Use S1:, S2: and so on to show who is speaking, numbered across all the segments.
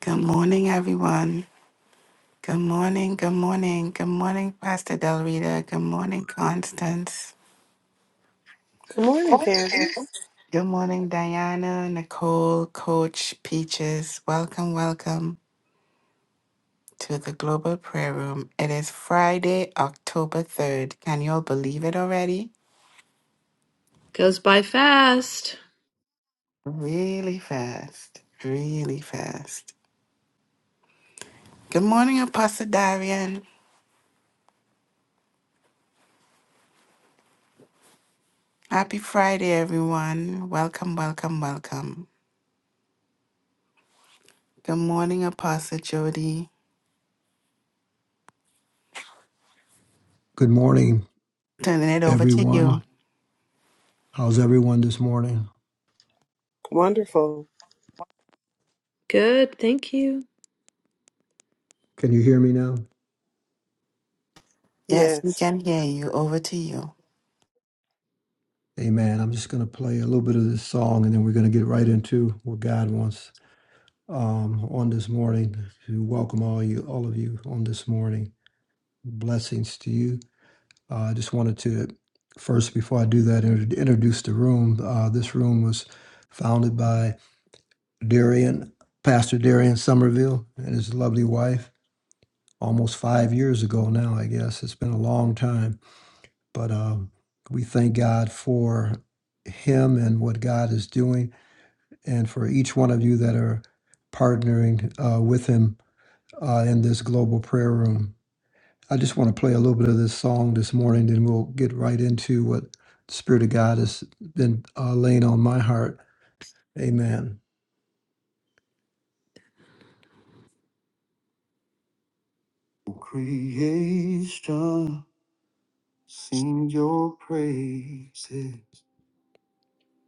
S1: Good morning, everyone. Good morning, good morning, good morning, Pastor Del Rita. Good morning, Constance.
S2: Good morning, Candace.
S1: Good morning, Diana, Nicole, Coach, Peaches. Welcome, welcome to the Global Prayer Room. It is Friday, October 3rd. Can you all believe it already?
S3: Goes by fast.
S1: Really fast, really fast. Good morning, Apostle Darian. Happy Friday, everyone. Welcome, welcome, welcome. Good morning, Apostle Jody.
S4: Good morning,
S1: Turning it over to you.
S4: everyone. How's everyone this morning?
S2: Wonderful.
S3: Good, thank you.
S4: Can you hear me now?
S1: Yes, we
S2: Yes.
S1: can hear you. Over to you.
S4: Amen. I'm just going to play a little bit of this song and then we're going to get right into what God wants um, on this morning. To welcome all you, all of you on this morning. Blessings to you. Uh, I just wanted to first, before I do that, inter- introduce the room. Uh, this room was founded by Darian, Pastor Darian Somerville, and his lovely wife almost five years ago now, I guess. It's been a long time But um, we thank God for him and what God is doing, and for each one of you that are partnering uh, with him uh, in this global prayer room. I just want to play a little bit of this song this morning, then we'll get right into what the Spirit of God has been uh, laying on my heart. Amen. Creation sing your praises.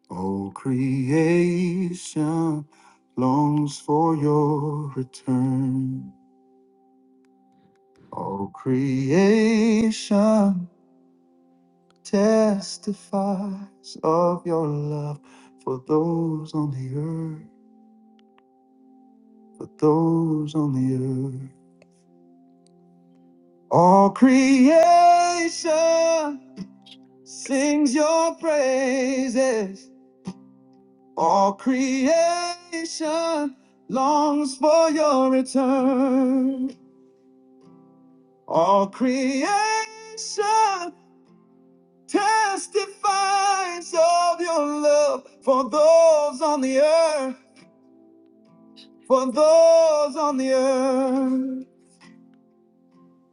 S4: All creation longs for your return. All creation testifies of your love for those on the earth, for those on the earth. All creation sings your praises. All creation longs for your return. All creation testifies of your love for those on the earth, for those on the earth.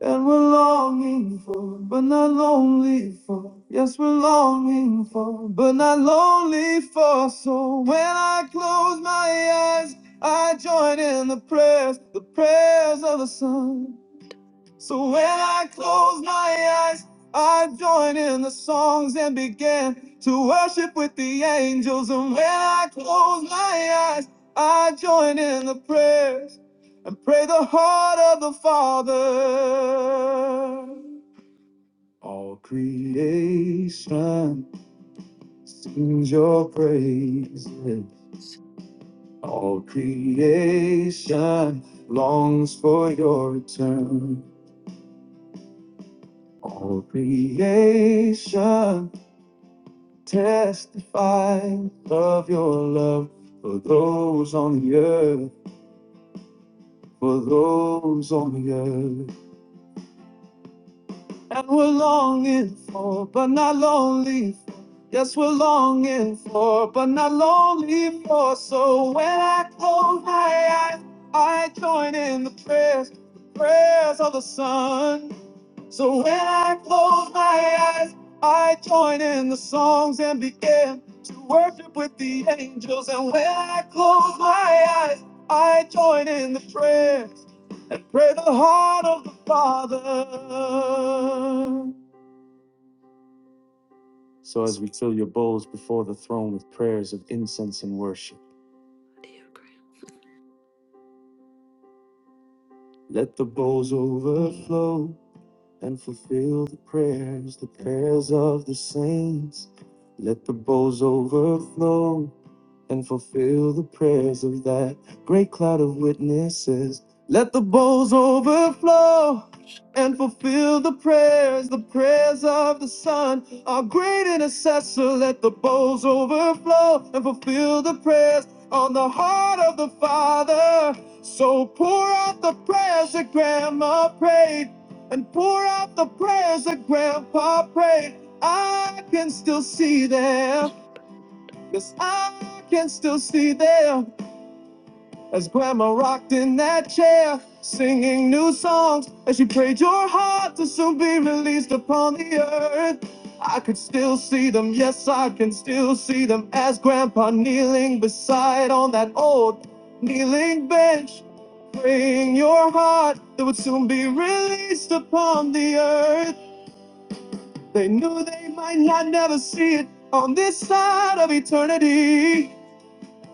S4: And we're longing for, but not lonely for. Yes, we're longing for, but not lonely for. So when I close my eyes, I join in the prayers, the prayers of the sun. So when I close my eyes, I join in the songs and begin to worship with the angels. And when I close my eyes, I join in the prayers and pray the heart of the Father. All creation sings your praises. All creation longs for your return. All creation Testify of your love for those on the earth, for those on the earth. And we're longing for, but not lonely for. Yes, we're longing for, but not lonely for. So when I close my eyes, I join in the prayers, the prayers of the sun. So when I close my eyes, I join in the songs and begin to worship with the angels. And when I close my eyes, I join in the prayers, pray the heart of the Father. So as we fill your bowls before the throne with prayers of incense and worship, let the bowls overflow and fulfill the prayers, the prayers of the saints. Let the bowls overflow and fulfill the prayers of that great cloud of witnesses. Let the bowls overflow and fulfill the prayers, the prayers of the Son, our great intercessor. Let the bowls overflow and fulfill the prayers on the heart of the Father. So pour out the prayers that Grandma prayed, and pour out the prayers that Grandpa prayed. I can still see them. Yes, I can still see them as grandma rocked in that chair, singing new songs as she prayed your heart to soon be released upon the earth. I could still see them, yes, I can still see them as grandpa kneeling beside on that old kneeling bench, praying your heart that would soon be released upon the earth. They knew they might not never see it on this side of eternity.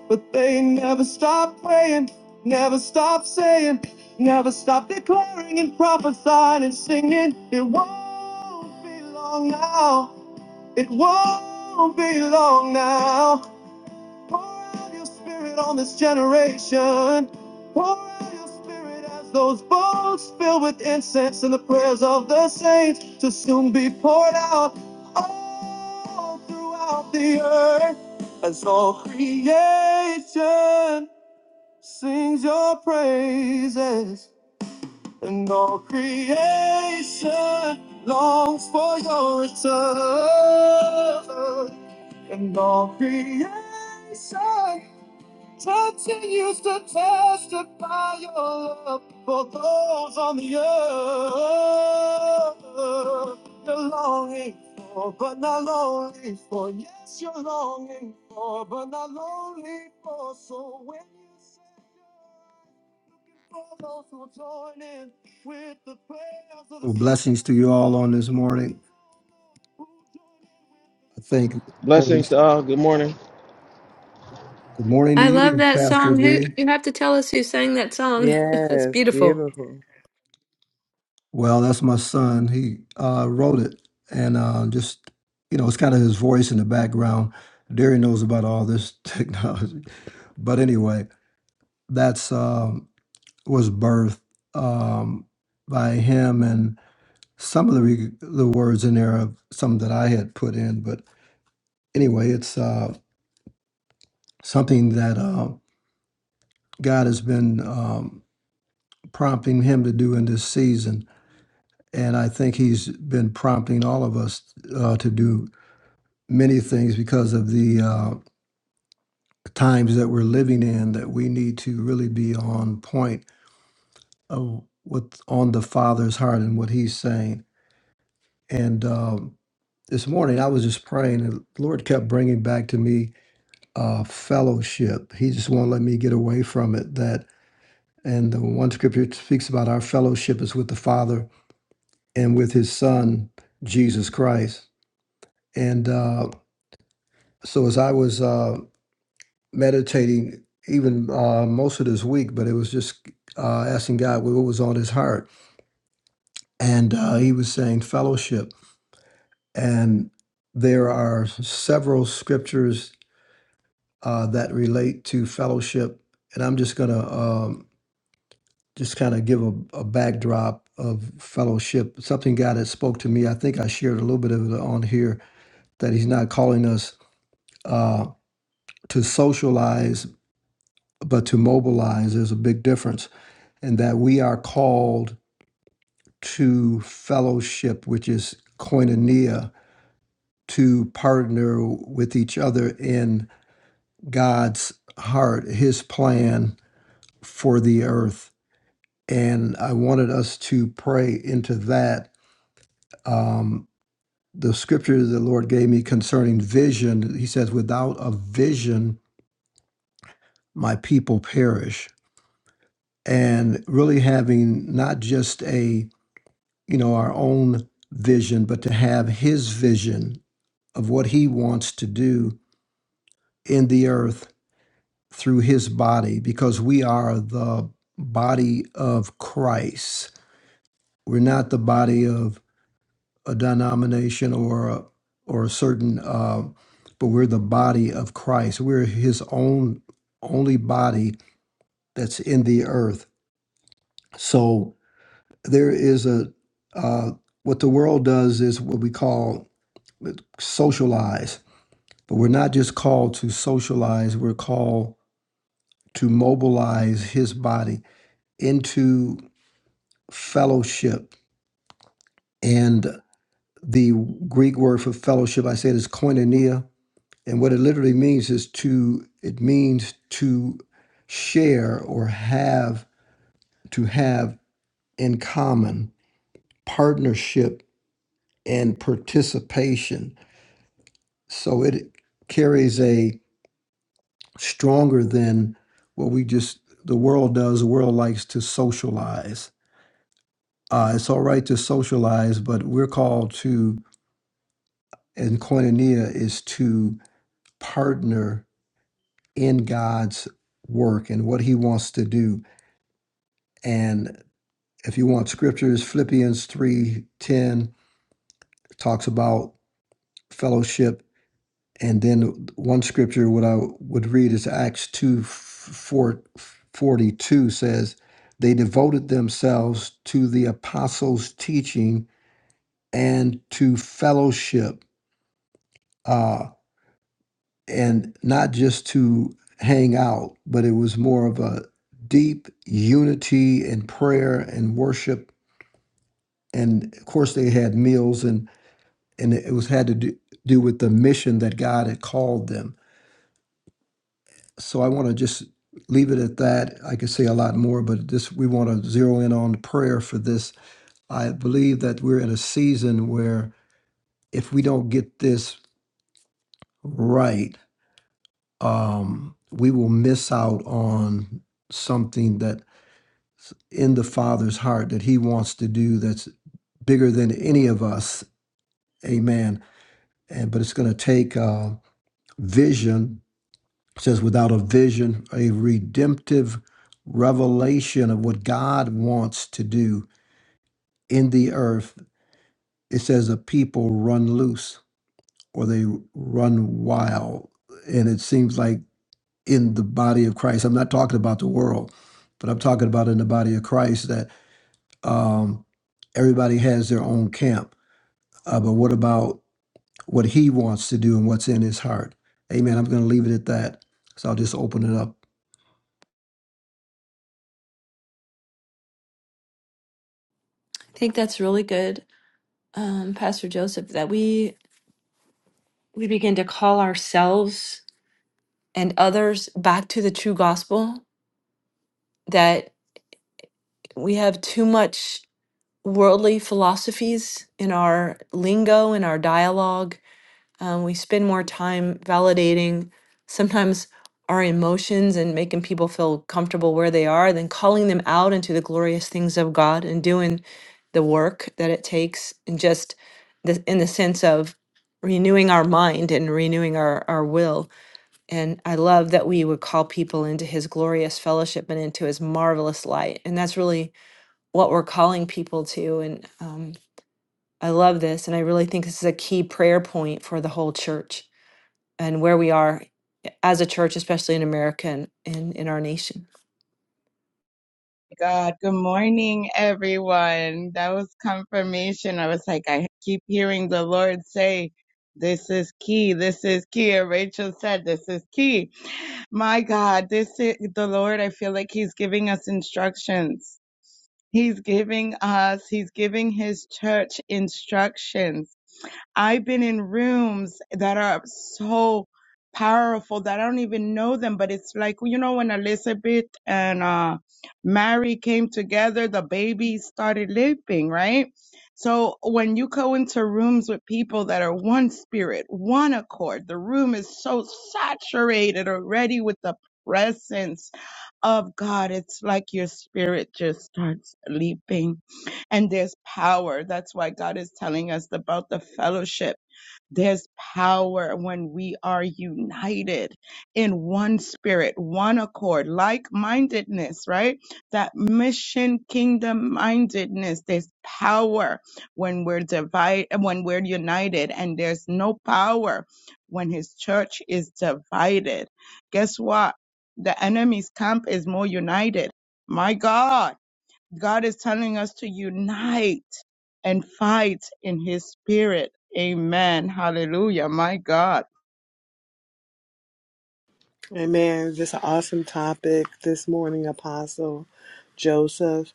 S4: But they never stop praying, never stop saying, never stop declaring and prophesying and singing. It won't be long now. It won't be long now. Pour out your spirit on this generation. Pour out your spirit as those bowls filled with incense and the prayers of the saints to soon be poured out all throughout the earth as all creation sings your praises and all creation longs for your return and all creation Touching used to testify your love for those on the earth. You're longing for, but not longing for. Yes, you're longing for, but not longing for. So when you say for those who join in with the prayers of the Well, blessings to you all on this morning. I thank the Holy.
S5: Blessings
S4: Spirit.
S5: to all. Good morning.
S4: Good morning to
S3: I love
S4: you,
S3: that
S4: Pastor
S3: song. Who
S4: D.
S3: you have to tell us who sang that song? That's
S2: Yes,
S3: beautiful.
S2: beautiful.
S4: Well, that's my son. He uh, wrote it, and uh, just you know, it's kind of his voice in the background. Derry knows about all this technology, but anyway, that's um, was birthed um, by him, and some of the re- the words in there are some that I had put in. But anyway, it's uh, something that uh, God has been um, prompting him to do in this season, and I think He's been prompting all of us uh, to do many things because of the uh, times that we're living in that we need to really be on point of what's on the Father's heart and what He's saying. And um, this morning I was just praying, and the Lord kept bringing back to me uh, fellowship. He just won't let me get away from it. That and the one scripture speaks about our fellowship is with the Father and with His Son Jesus Christ. And uh, so as I was. uh, meditating even uh, most of this week, but it was just uh, asking God what was on his heart. And uh, he was saying fellowship. And there are several scriptures uh, that relate to fellowship. And I'm just going to um, just kind of give a, a backdrop of fellowship, something God had spoke to me. I think I shared a little bit of it on here that he's not calling us uh, to socialize, but to mobilize. There's a big difference and that we are called to fellowship, which is koinonia, to partner with each other in God's heart, his plan for the earth. And I wanted us to pray into that. Um, the scripture the Lord gave me concerning vision, he says, without a vision, my people perish. And really having not just a you know, our own vision, but to have his vision of what he wants to do in the earth through his body, because we are the body of Christ. We're not the body of a denomination or a, or a certain, uh, but we're the body of Christ. We're his own only body that's in the earth. So there is a, uh, what the world does is what we call socialize But we're not just called to socialize, we're called to mobilize his body into fellowship. And the Greek word for fellowship, I said, is koinonia. And what it literally means is to, it means to share or have, to have in common partnership and participation. So it carries a stronger than what we just the world does. The world likes to socialize. Uh, it's all right to socialize, but we're called to, and koinonia is to partner in God's work and what He wants to do. And if you want scriptures, Philippians three ten talks about fellowship And then one scripture what I would read is Acts 2 4, forty two says, They devoted themselves to the apostles' teaching and to fellowship, uh, and not just to hang out, but it was more of a deep unity and prayer and worship. And of course, they had meals, and, and it was had to do, do with the mission that God had called them so I want to just leave it at that. I could say a lot more, but this we want to zero in on prayer for this. I believe that we're in a season where if we don't get this right, um, we will miss out on something that's in the Father's heart that He wants to do that's bigger than any of us. Amen. And but it's going to take uh, vision It says, without a vision, a redemptive revelation of what God wants to do in the earth, it says the people run loose or they run wild. And it seems like in the body of Christ, I'm not talking about the world, but I'm talking about in the body of Christ that um, everybody has their own camp. Uh, but what about what he wants to do and what's in his heart? Amen. I'm going to leave it at that. So I'll just open it
S3: I think that's really good, um, Pastor Joseph, that we we begin to call ourselves and others back to the true gospel. That we have too much worldly philosophies in our lingo, in our dialogue, Um, we spend more time validating sometimes our emotions and making people feel comfortable where they are than calling them out into the glorious things of God and doing the work that it takes and just the, in the sense of renewing our mind and renewing our, our will. And I love that we would call people into his glorious fellowship and into his marvelous light. And that's really what we're calling people to. And um, I love this. And I really think this is a key prayer point for the whole church and where we are as a church, especially in America and in, in our nation.
S6: God, good morning, everyone. That was confirmation. I was like, I keep hearing the Lord say, This is key. This is key. And Rachel said, This is key. My God, this is the Lord. I feel like He's giving us instructions. He's giving us, He's giving His church instructions I've been in rooms that are so powerful that I don't even know them, but it's like, you know, when Elizabeth and uh, Mary came together, the baby started leaping, right? So when you go into rooms with people that are one spirit, one accord, the room is so saturated already with the presence of God. It's like your spirit just starts leaping and there's power. That's why God is telling us about the fellowship. There's power when we are united in one spirit, one accord, like mindedness, right? That mission kingdom mindedness. There's power when we're divided, when we're united, and there's no power when his church is divided. Guess what? The enemy's camp is more united. My God God is telling us to unite and fight in his spirit. Amen. Hallelujah. My God.
S2: Amen. Just an awesome topic this morning, Apostle Joseph.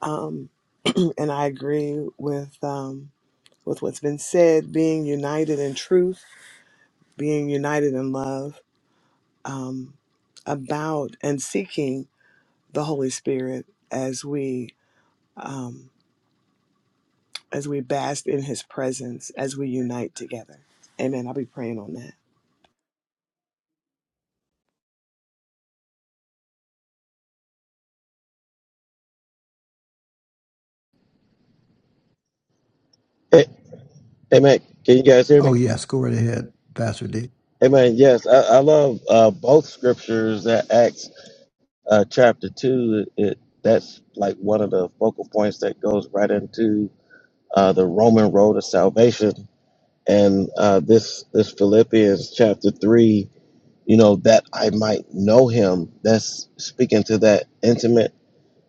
S2: Um, and I agree with um, with what's been said. Being united in truth, being united in love, um, about and seeking the Holy Spirit as we um, as we bask in His presence, as we
S4: up.
S2: unite together. Amen. I'll be praying on that.
S5: Hey, hey man, can you guys hear
S4: Oh,
S5: me?
S4: yes, go right ahead, Pastor D.
S5: Hey man, yes, I, I love uh, both scriptures that Acts uh, chapter two. It, it that's like one of the focal points that goes right into uh, the Roman road of salvation, and uh, this this Philippians chapter three. You know that I might know Him. That's speaking to that intimate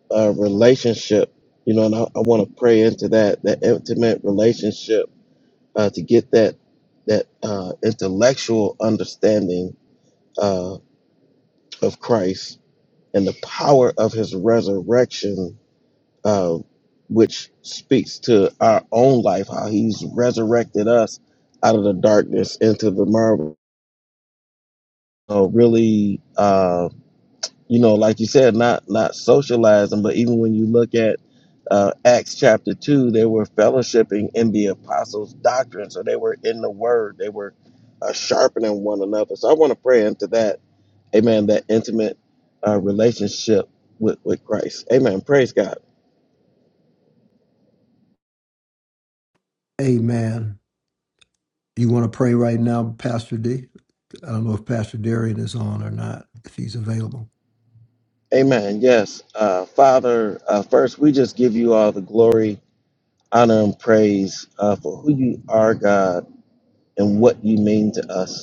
S5: uh, relationship. You know, and I, I want to pray into that that intimate relationship uh, to get that that uh, intellectual understanding uh, of Christ and the power of His resurrection, uh, which speaks to our own life, how He's resurrected us out of the darkness into the marvel. So really. uh, you know, like you said, not not socializing, but even when you look at uh, Acts chapter two, they were fellowshipping in the apostles' doctrine, so they were in the Word, they were uh, sharpening one another. So I want to pray into that, Amen. That intimate uh, relationship with with Christ, Amen. Praise God,
S4: Amen. You want to pray right now, Pastor D? I don't know if Pastor Darian is on or not, if he's available.
S5: Amen. Yes, uh, Father, uh, first we just give you all the glory, honor, and praise uh, for who you are, God, and what you mean to us.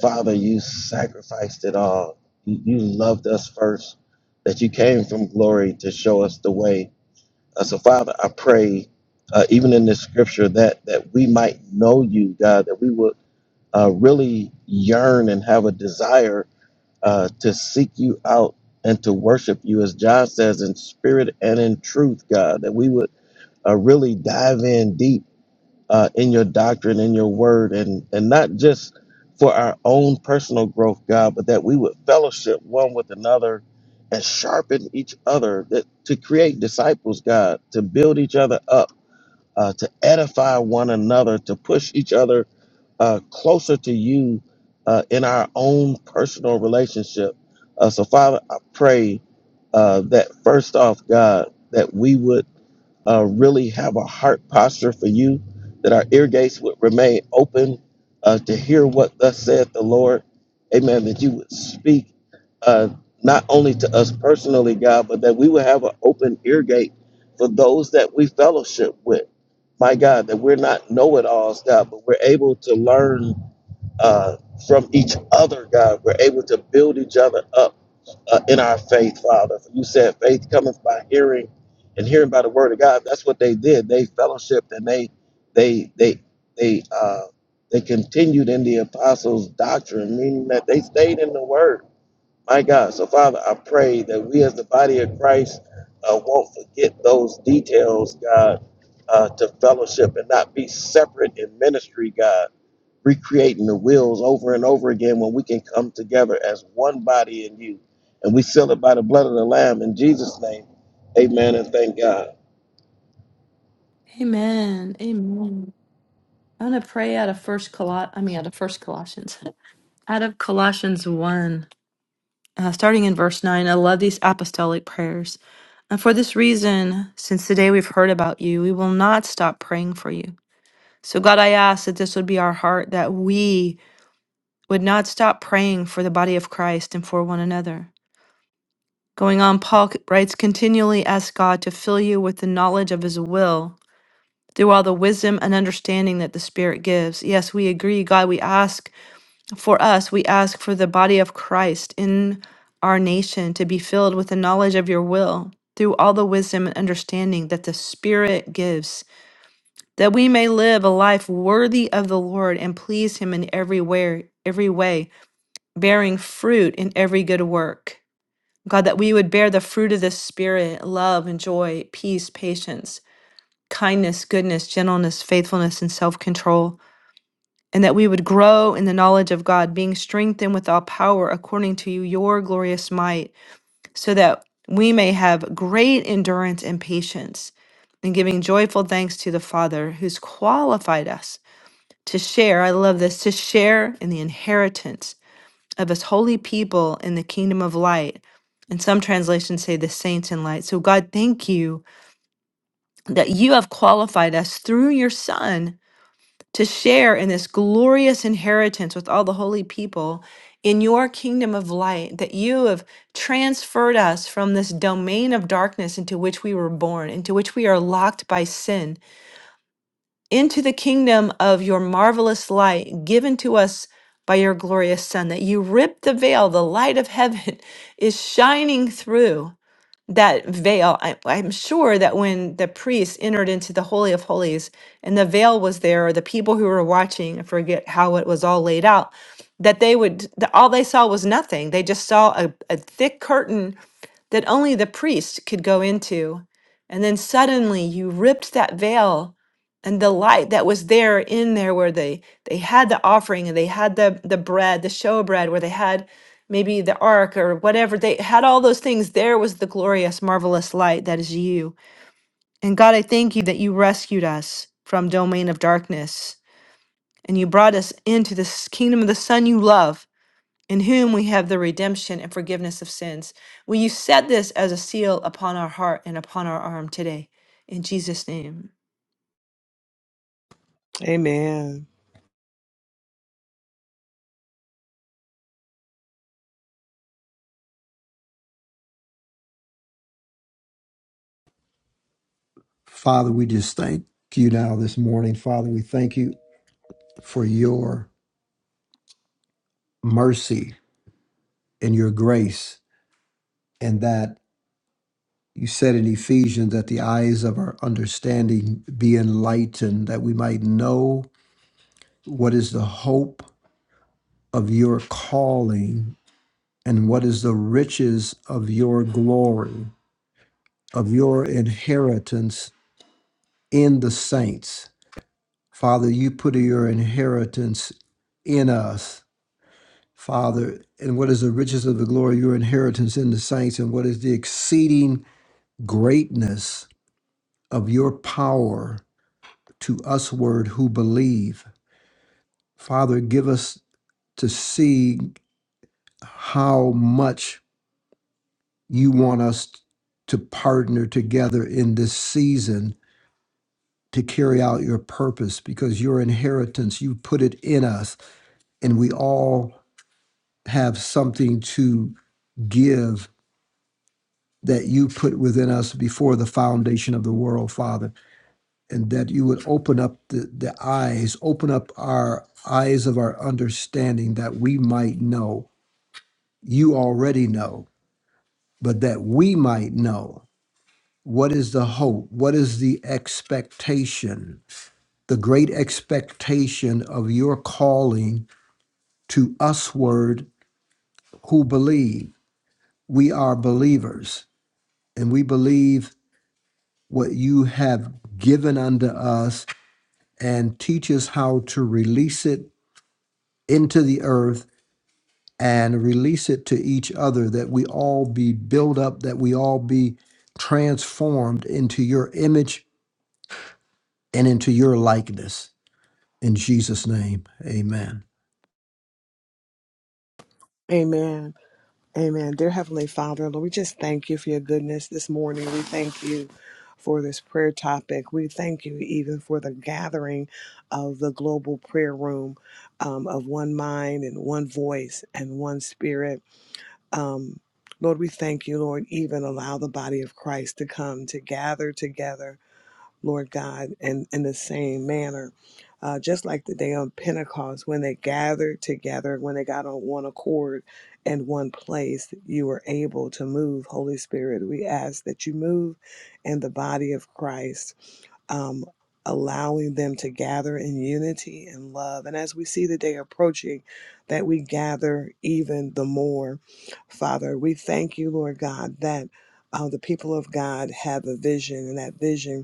S5: Father, you sacrificed it all. You, you loved us first, that you came from glory to show us the way. Uh, so, Father, I pray, uh, even in this scripture, that, that we might know you, God, that we would uh, really yearn and have a desire uh, to seek you out and to worship you, as John says, in spirit and in truth, God, that we would uh, really dive in deep uh, in your doctrine, in your word, and and not just for our own personal growth, God, but that we would fellowship one with another and sharpen each other that to create disciples, God, to build each other up, uh, to edify one another, to push each other uh, closer to you uh, in our own personal relationship. Uh, so, Father, I pray uh, that first off, God, that we would uh, really have a heart posture for you, that our ear gates would remain open uh, to hear what thus saith the Lord. Amen. That you would speak uh, not only to us personally, God, but that we would have an open ear gate for those that we fellowship with. My God, that we're not know it alls, God, but we're able to learn uh, from each other, God. We're able to build each other up uh, in our faith, Father. For You said faith cometh by hearing, and hearing by the word of God. That's what they did. They fellowshiped and they they they they uh, they continued in the apostles' doctrine, meaning that they stayed in the word. My God, so Father, I pray that we as the body of Christ uh, won't forget those details, God, uh, to fellowship and not be separate in ministry, God recreating the wheels over and over again when we can come together as one body in you. And we seal it by the blood of the Lamb in Jesus' name. Amen and thank God.
S3: Amen. Amen. I'm gonna pray out of First Col. I mean, out of First Colossians, out of Colossians one, uh, starting in verse nine. I love these apostolic prayers. And for this reason, since the day we've heard about you, we will not stop praying for you. So, God, I ask that this would be our heart, that we would not stop praying for the body of Christ and for one another. Going on, Paul c- writes, continually ask God to fill you with the knowledge of his will through all the wisdom and understanding that the Spirit gives. Yes, we agree, God, we ask for us, we ask for the body of Christ in our nation to be filled with the knowledge of your will through all the wisdom and understanding that the Spirit gives, that we may live a life worthy of the Lord and please him in every way, every way, bearing fruit in every good work. God, that we would bear the fruit of the Spirit love and joy, peace, patience, kindness, goodness, gentleness, faithfulness, and self control. And that we would grow in the knowledge of God, being strengthened with all power according to your glorious might, so that we may have great endurance and patience, and giving joyful thanks to the Father who's qualified us to share. I love this to share in the inheritance of his holy people in the kingdom of light. And some translations say the saints in light. So, God, thank you that you have qualified us through your Son to share in this glorious inheritance with all the holy people in your kingdom of light, that you have transferred us from this domain of darkness into which we were born, into which we are locked by sin into the kingdom of your marvelous light given to us by your glorious Son, that you rip the veil, the light of heaven is shining through that veil. I, I'm sure that when the priests entered into the Holy of Holies and the veil was there, or the people who were watching, I forget how it was all laid out, that they would, that all they saw was nothing. They just saw a, a thick curtain that only the priest could go into. And then suddenly you ripped that veil and the light that was there in there where they they had the offering and they had the the bread, the showbread where they had maybe the ark or whatever they had all those things there was the glorious marvelous light that is you. And God, I thank you that you rescued us from domain of darkness and you brought us into this kingdom of the son you love in whom we have the redemption and forgiveness of sins. Will you set this as a seal upon our heart and upon our arm today? In Jesus' name.
S2: Amen.
S4: Father, we just thank you now this morning. Father, we thank you for your mercy and your grace, and that you said in Ephesians that the eyes of our understanding be enlightened, that we might know what is the hope of your calling and what is the riches of your glory of your inheritance in the saints. Father, you put your inheritance in us. Father, and what is the riches of the glory of your inheritance in the saints, and what is the exceeding greatness of your power to us, word who believe? Father, give us to see how much you want us to partner together in this season to carry out your purpose because your inheritance, you put it in us, and we all have something to give that you put within us before the foundation of the world, Father, and that you would open up the, the eyes, open up our eyes of our understanding that we might know. You already know, but that we might know what is the hope, what is the expectation, the great expectation of your calling to us word who believe. We are believers and we believe what you have given unto us and teach us how to release it into the earth and release it to each other that we all be built up, that we all be transformed into your image and into your likeness. In Jesus' name, amen.
S2: Amen. Amen. Dear Heavenly Father, Lord, we just thank you for your goodness this morning. We thank you for this prayer topic. We thank you even for the gathering of the global prayer room um, of one mind and one voice and one spirit. Um, Lord, we thank you, Lord, even allow the body of Christ to come to gather together Lord God, in, in the same manner. Uh, just like the day on Pentecost, when they gathered together, when they got on one accord and one place, you were able to move. Holy Spirit, we ask that you move in the body of Christ um, allowing them to gather in unity and love. And as we see the day approaching, that we gather even the more. Father, we thank you, Lord God, that uh, the people of God have a vision, and that vision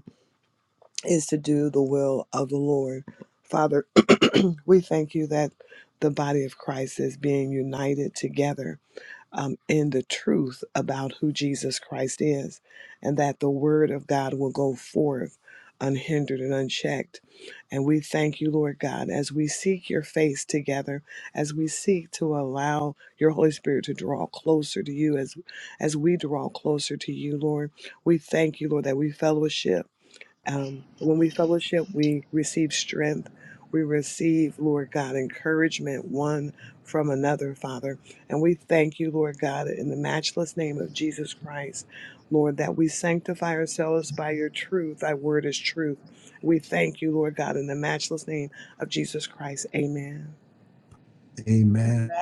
S2: is to do the will of the Lord. Father, we thank you that the body of Christ is being united together um, in the truth about who Jesus Christ is, and that the word of God will go forth unhindered and unchecked. And we thank you, Lord God, as we seek your face together, as we seek to allow your Holy Spirit to draw closer to you, as as we draw closer to you, Lord. We thank you, Lord, that we fellowship um, when we fellowship, we receive strength. We receive, Lord God, encouragement one from another, Father. And we thank you, Lord God, in the matchless name of Jesus Christ, Lord, that we sanctify ourselves by your truth. Thy word is truth. We thank you, Lord God, in the matchless name of Jesus Christ. Amen.
S6: Amen.
S4: Amen.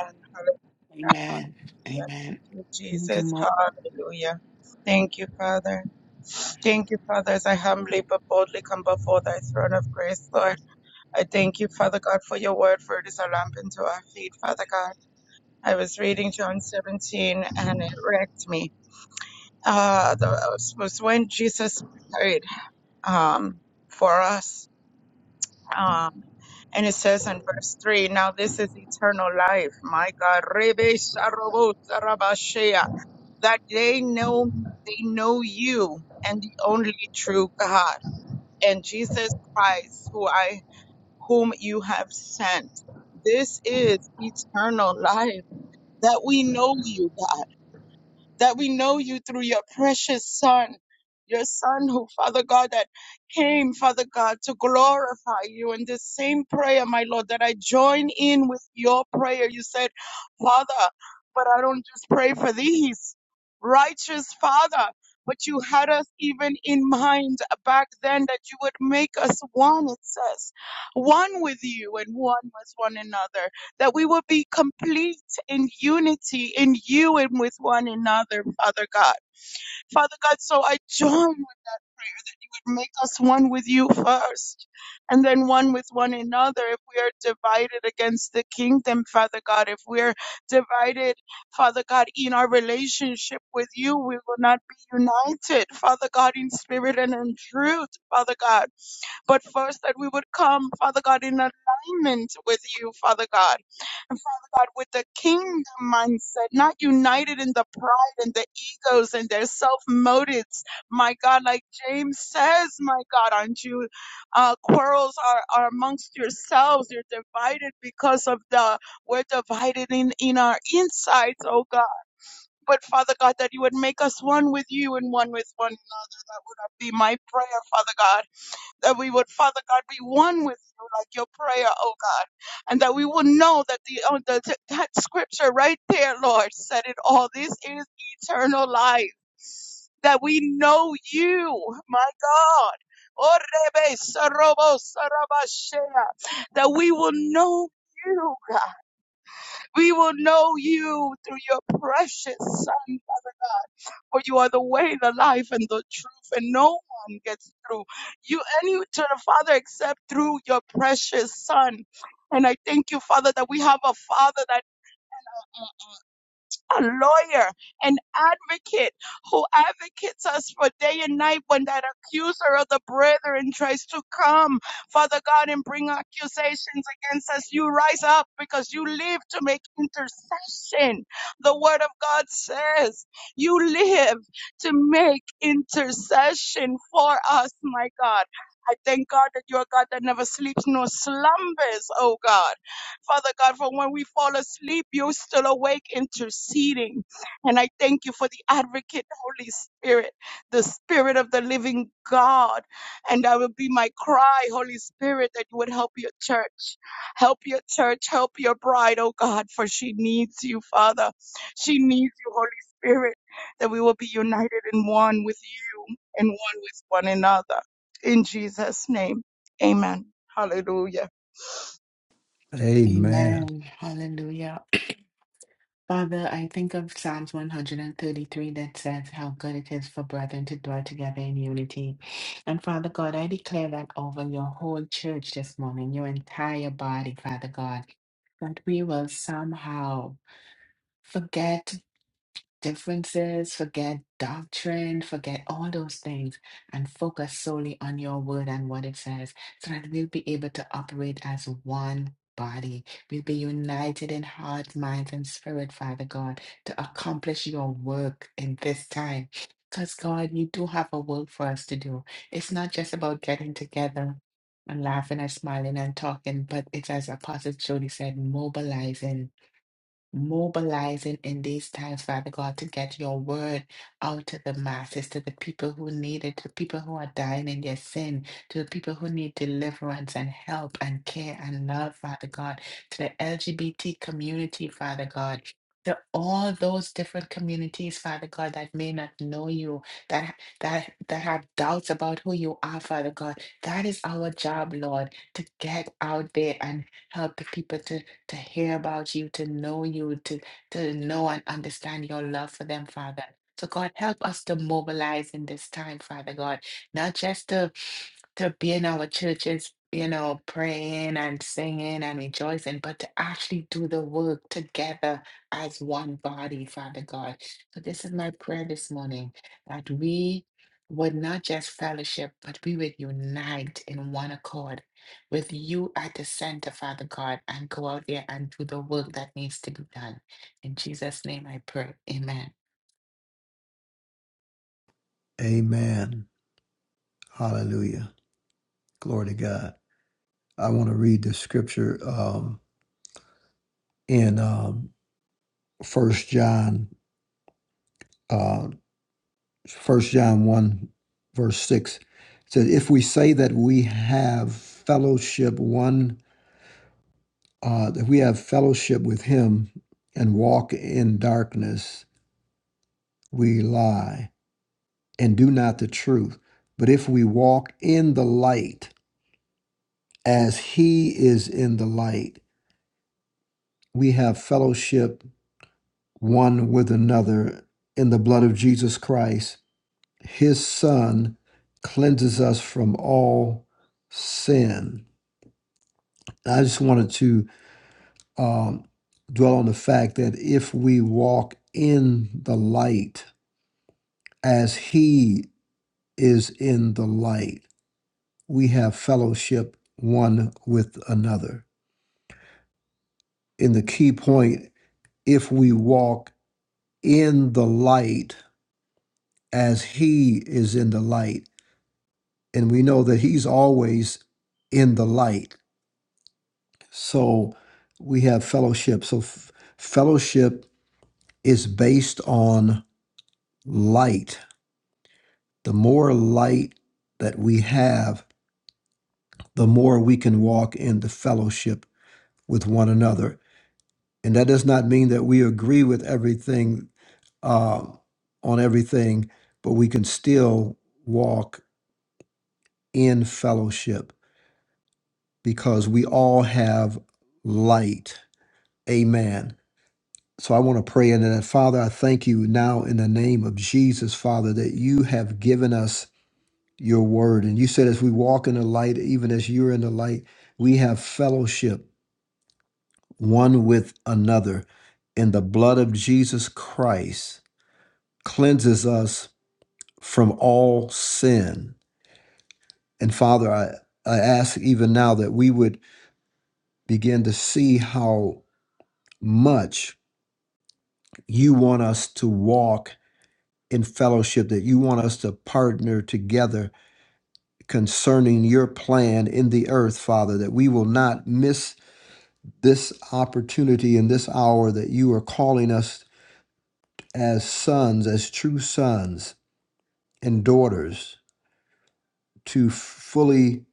S1: Amen.
S6: Hallelujah.
S1: Amen.
S6: Thank you,
S1: Good
S6: Jesus.
S1: morning.
S6: Hallelujah. Thank you, Father. Thank you, Father, as I humbly but boldly come before thy throne of grace, Lord. I thank you, Father God, for your word, for it is a lamp unto our feet, Father God. I was reading John 17 and it wrecked me. Uh, the, it was when Jesus prayed um, for us Um, and it says in verse 3 Now this is eternal life, my God, Rebe Sarobo Sarabashea, that they know, they know you and the only true God, and Jesus Christ, who I, whom you have sent. This is eternal life, that we know you, God that we know you through your precious Son, your Son who, Father God, that came, Father God, to glorify you. In this same prayer, my Lord, that I join in with your prayer. You said, Father, but I don't just pray for these, righteous Father. But you had us even in mind back then that you would make us one, it says, one with you and one with one another, that we would be complete in unity in you and with one another, Father God. Father God, so I join with make us one with you first and then one with one another. If we are divided against the kingdom, Father God, if we're divided, Father God, in our relationship with you, we will not be united, Father God, in spirit and in truth, Father God but first that we would come, Father God, in alignment with you, Father God. And Father God, with the kingdom mindset, not united in the pride and the egos and their self motives. My God, like James says, my God, aren't you? Uh, quarrels are, are amongst yourselves. You're divided because of the, we're divided in, in our insides, oh God. But Father God, that you would make us one with you and one with one another. That would be my prayer, Father God that we would, Father God, be one with you, like your prayer, oh God, and that we would know that the, oh, the that scripture right there, Lord, said it all. This is eternal life, that we know you, my God. Oh, Rebe, Sarobo, Sarabashea, That we will know you, God. We will know you through your precious Son, for you are the way, the life, and the truth, and no one gets through you any to the Father except through your precious Son. And I thank you, Father, that we have a Father that a lawyer, an advocate who advocates us for day and night when that accuser of the brethren tries to come, Father God, and bring accusations against us. You rise up because you live to make intercession. The word of God says you live to make intercession for us, my God. I thank God that you're a God that never sleeps nor slumbers, oh God. Father God, for when we fall asleep, you're still awake interceding. And I thank you for the advocate, Holy Spirit, the Spirit of the living God. And that will be my cry, Holy Spirit, that you would help your church. Help your church. Help your bride, oh God, for she needs you, Father. She needs you, Holy Spirit, that we will be united in one with you and one with one another. In Jesus' name, amen. Hallelujah.
S4: Amen.
S1: Amen. Hallelujah. Father, I think of Psalms 133 that says how good it is for brethren to dwell together in unity. And Father God, I declare that over your whole church this morning, your entire body, Father God, that we will somehow forget. differences, forget doctrine, forget all those things, and focus solely on your word and what it says so that we'll be able to operate as one body. We'll be united in heart, mind, and spirit, Father God, to accomplish your work in this time. Because, God, you do have a work for us to do. It's not just about getting together and laughing and smiling and talking, but it's as Apostle Jody said, mobilizing mobilizing in these times, Father God, to get your word out to the masses, to the people who need it, to the people who are dying in their sin, to the people who need deliverance and help and care and love, Father God, to the LGBT community, Father God. To all those different communities, Father God, that may not know you, that that that have doubts about who you are, Father God, that is our job, Lord, to get out there and help the people to to hear about you, to know you, to, to know and understand your love for them, Father. So, God, help us to mobilize in this time, Father God, not just to, to be in our churches, you know, praying and singing and rejoicing, but to actually do the work together as one body, Father God. So, this is my prayer this morning that we would not just fellowship, but we would unite in one accord with you at the center, Father God, and go out there and do the work that needs to be done. In Jesus' name I pray. Amen.
S4: Amen. Hallelujah. Glory to God. I want to read the scripture um, in um, First John, uh, First John one, verse six. It says, "If we say that we have fellowship one, uh, that we have fellowship with Him, and walk in darkness, we lie and do not the truth. But if we walk in the light, as He is in the light, we have fellowship one with another, in the blood of Jesus Christ." his son cleanses us from all sin. I just wanted to um, dwell on the fact that if we walk in the light as he is in the light, we have fellowship one with another. In the key point, if we walk in the light as he is in the light, and we know that he's always in the light So we have fellowship. So f- fellowship is based on light. The more light that we have, the more we can walk in the fellowship with one another. And that does not mean that we agree with everything uh, on everything, but we can still walk in fellowship because we all have light. Amen. So I want to pray into that. Father, I thank you now in the name of Jesus, Father, that you have given us your word. And you said, as we walk in the light, even as you're in the light, we have fellowship one with another. And the blood of Jesus Christ cleanses us from all sin. And Father, I, I ask even now that we would begin to see how much you want us to walk in fellowship that you want us to partner together concerning your plan in the earth, Father, that we will not miss this opportunity in this hour that you are calling us as sons, as true sons and daughters to fully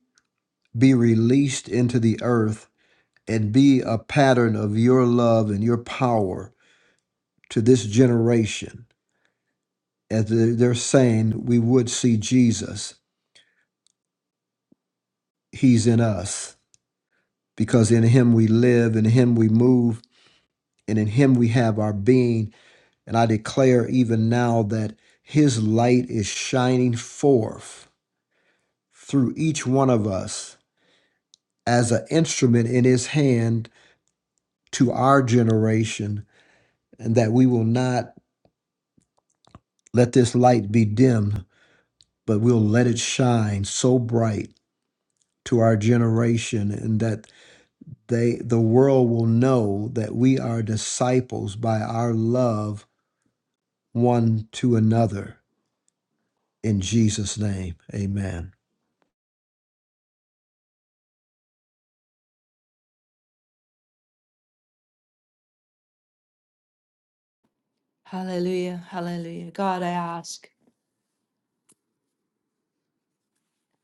S4: be released into the earth and be a pattern of your love and your power to this generation. As they're they're saying, we would see Jesus. He's in us. because in him we live, in him we move, and in him we have our being. And I declare even now that his light is shining forth through each one of us as an instrument in his hand to our generation, and that we will not let this light be dimmed, but we'll let it shine so bright to our generation and that they the world will know that we are disciples by our love one to another in Jesus' name. Amen.
S3: Hallelujah. Hallelujah. God, I ask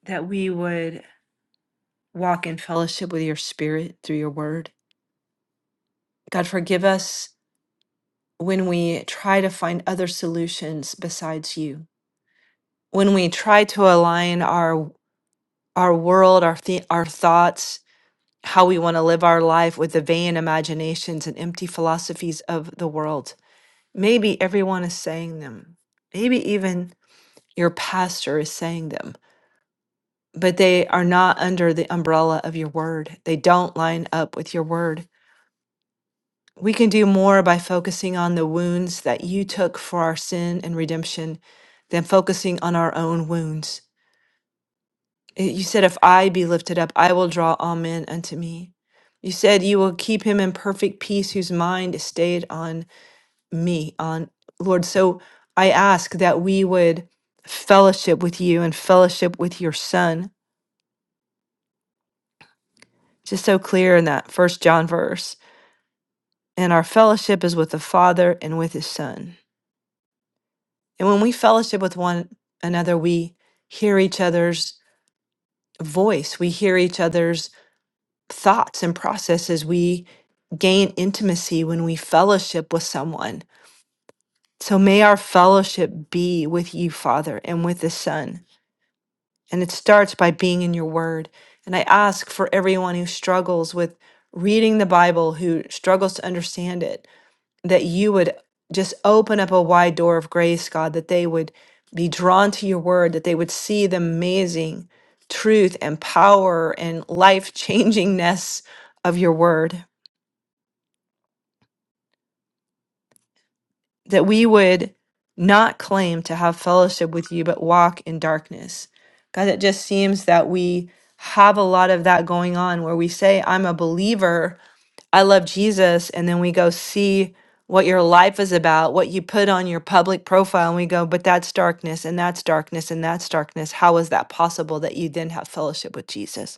S3: that we would walk in fellowship with your spirit through your word. God, forgive us when we try to find other solutions besides you. When we try to align our our world, our th- our thoughts, how we want to live our life with the vain imaginations and empty philosophies of the world. Maybe everyone is saying them. Maybe even your pastor is saying them, but they are not under the umbrella of your word. They don't line up with your word. We can do more by focusing on the wounds that you took for our sin and redemption than focusing on our own wounds. Eh, You said, If I be lifted up, I will draw all men unto me. You said, You will keep him in perfect peace whose mind is stayed on me on, Lord. So I ask that we would fellowship with you and fellowship with your son. Just so clear in that first John verse. And our fellowship is with the Father and with his son. And when we fellowship with one another, we hear each other's voice, we hear each other's thoughts and processes. We gain intimacy when we fellowship with someone. So may our fellowship be with you, Father, and with the Son And it starts by being in your word. And I ask for everyone who struggles with reading the Bible, who struggles to understand it, that you would just open up a wide door of grace, God, that they would be drawn to your word, that they would see the amazing truth and power and life changingness of your word. that we would not claim to have fellowship with you, but walk in darkness. God, it just seems that we have a lot of that going on where we say, I'm a believer, I love Jesus, and then we go see what your life is about, what you put on your public profile, and we go, but that's darkness, and that's darkness, and that's darkness. How is that possible that you then have fellowship with Jesus?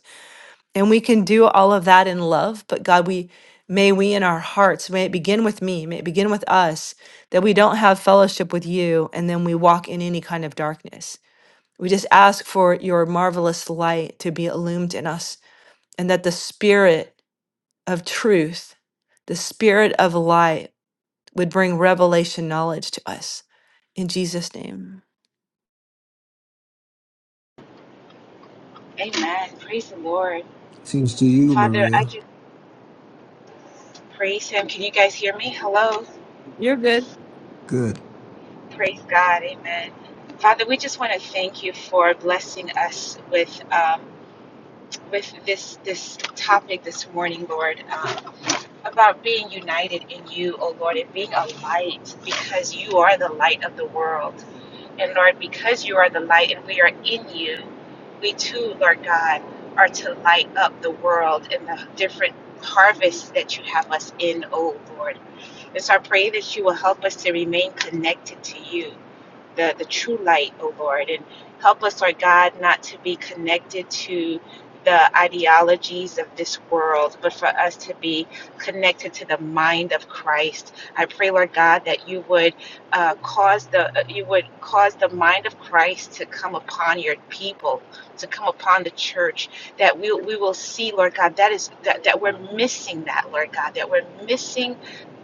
S3: And we can do all of that in love, but God, we may we in our hearts, may it begin with me, may it begin with us, that we don't have fellowship with you and then we walk in any kind of darkness. We just ask for your marvelous light to be illumined in us and that the spirit of truth, the spirit of light would bring revelation knowledge to us. In Jesus' name.
S7: Amen. Praise the Lord.
S4: Seems to you,
S7: Father, I
S4: Maria.
S7: just praise Him. Can you guys hear me? Hello.
S3: You're good.
S4: Good.
S7: Praise God. Amen. Father, we just want to thank you for blessing us with um, with this this topic this morning, Lord, um, about being united in you, O Lord, and being a light because you are the light of the world. And Lord, because you are the light and we are in you, we too, Lord God, are to light up the world and the different harvests that you have us in, oh Lord. And so I pray that you will help us to remain connected to you the, the true light, O Lord, and help us, Lord God, not to be connected to the ideologies of this world, but for us to be connected to the mind of Christ. I pray, Lord God, that you would uh, cause the uh, you would cause the mind of Christ to come upon your people, to come upon the church. That we we will see, Lord God, that is that, that we're missing that, Lord God, that we're missing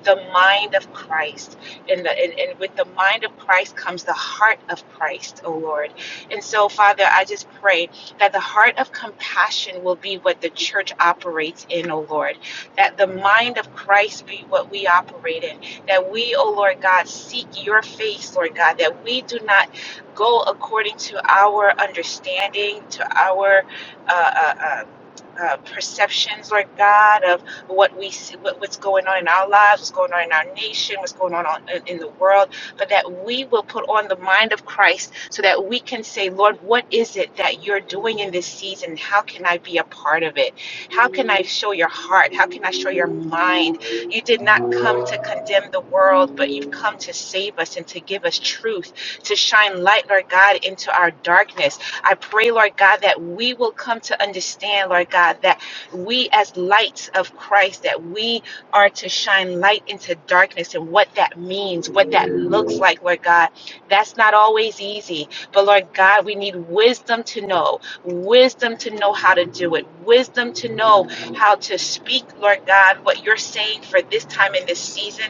S7: the mind of Christ and, the, and, and with the mind of Christ comes the heart of Christ, O Lord. And so, Father, I just pray that the heart of compassion will be what the church operates in, O Lord. That the mind of Christ be what we operate in. That we, O Lord God, seek your face, Lord God. That we do not go according to our understanding, to our uh, uh, uh, uh, perceptions, Lord God, of what we see, what, what's going on in our lives, what's going on in our nation, what's going on on- in in the world, but that we will put on the mind of Christ so that we can say, Lord, what is it that you're doing in this season? How can I be a part of it? How can I show your heart? How can I show your mind? You did not come to condemn the world, but you've come to save us and to give us truth, to shine light, Lord God, into our darkness I pray, Lord God, that we will come to understand, Lord God, that we as lights of Christ, that we are to shine light into darkness and what that means, what that looks like, Lord God. That's not always easy. But Lord God, we need wisdom to know, wisdom to know how to do it, wisdom to know how to speak, Lord God, what you're saying for this time in this season,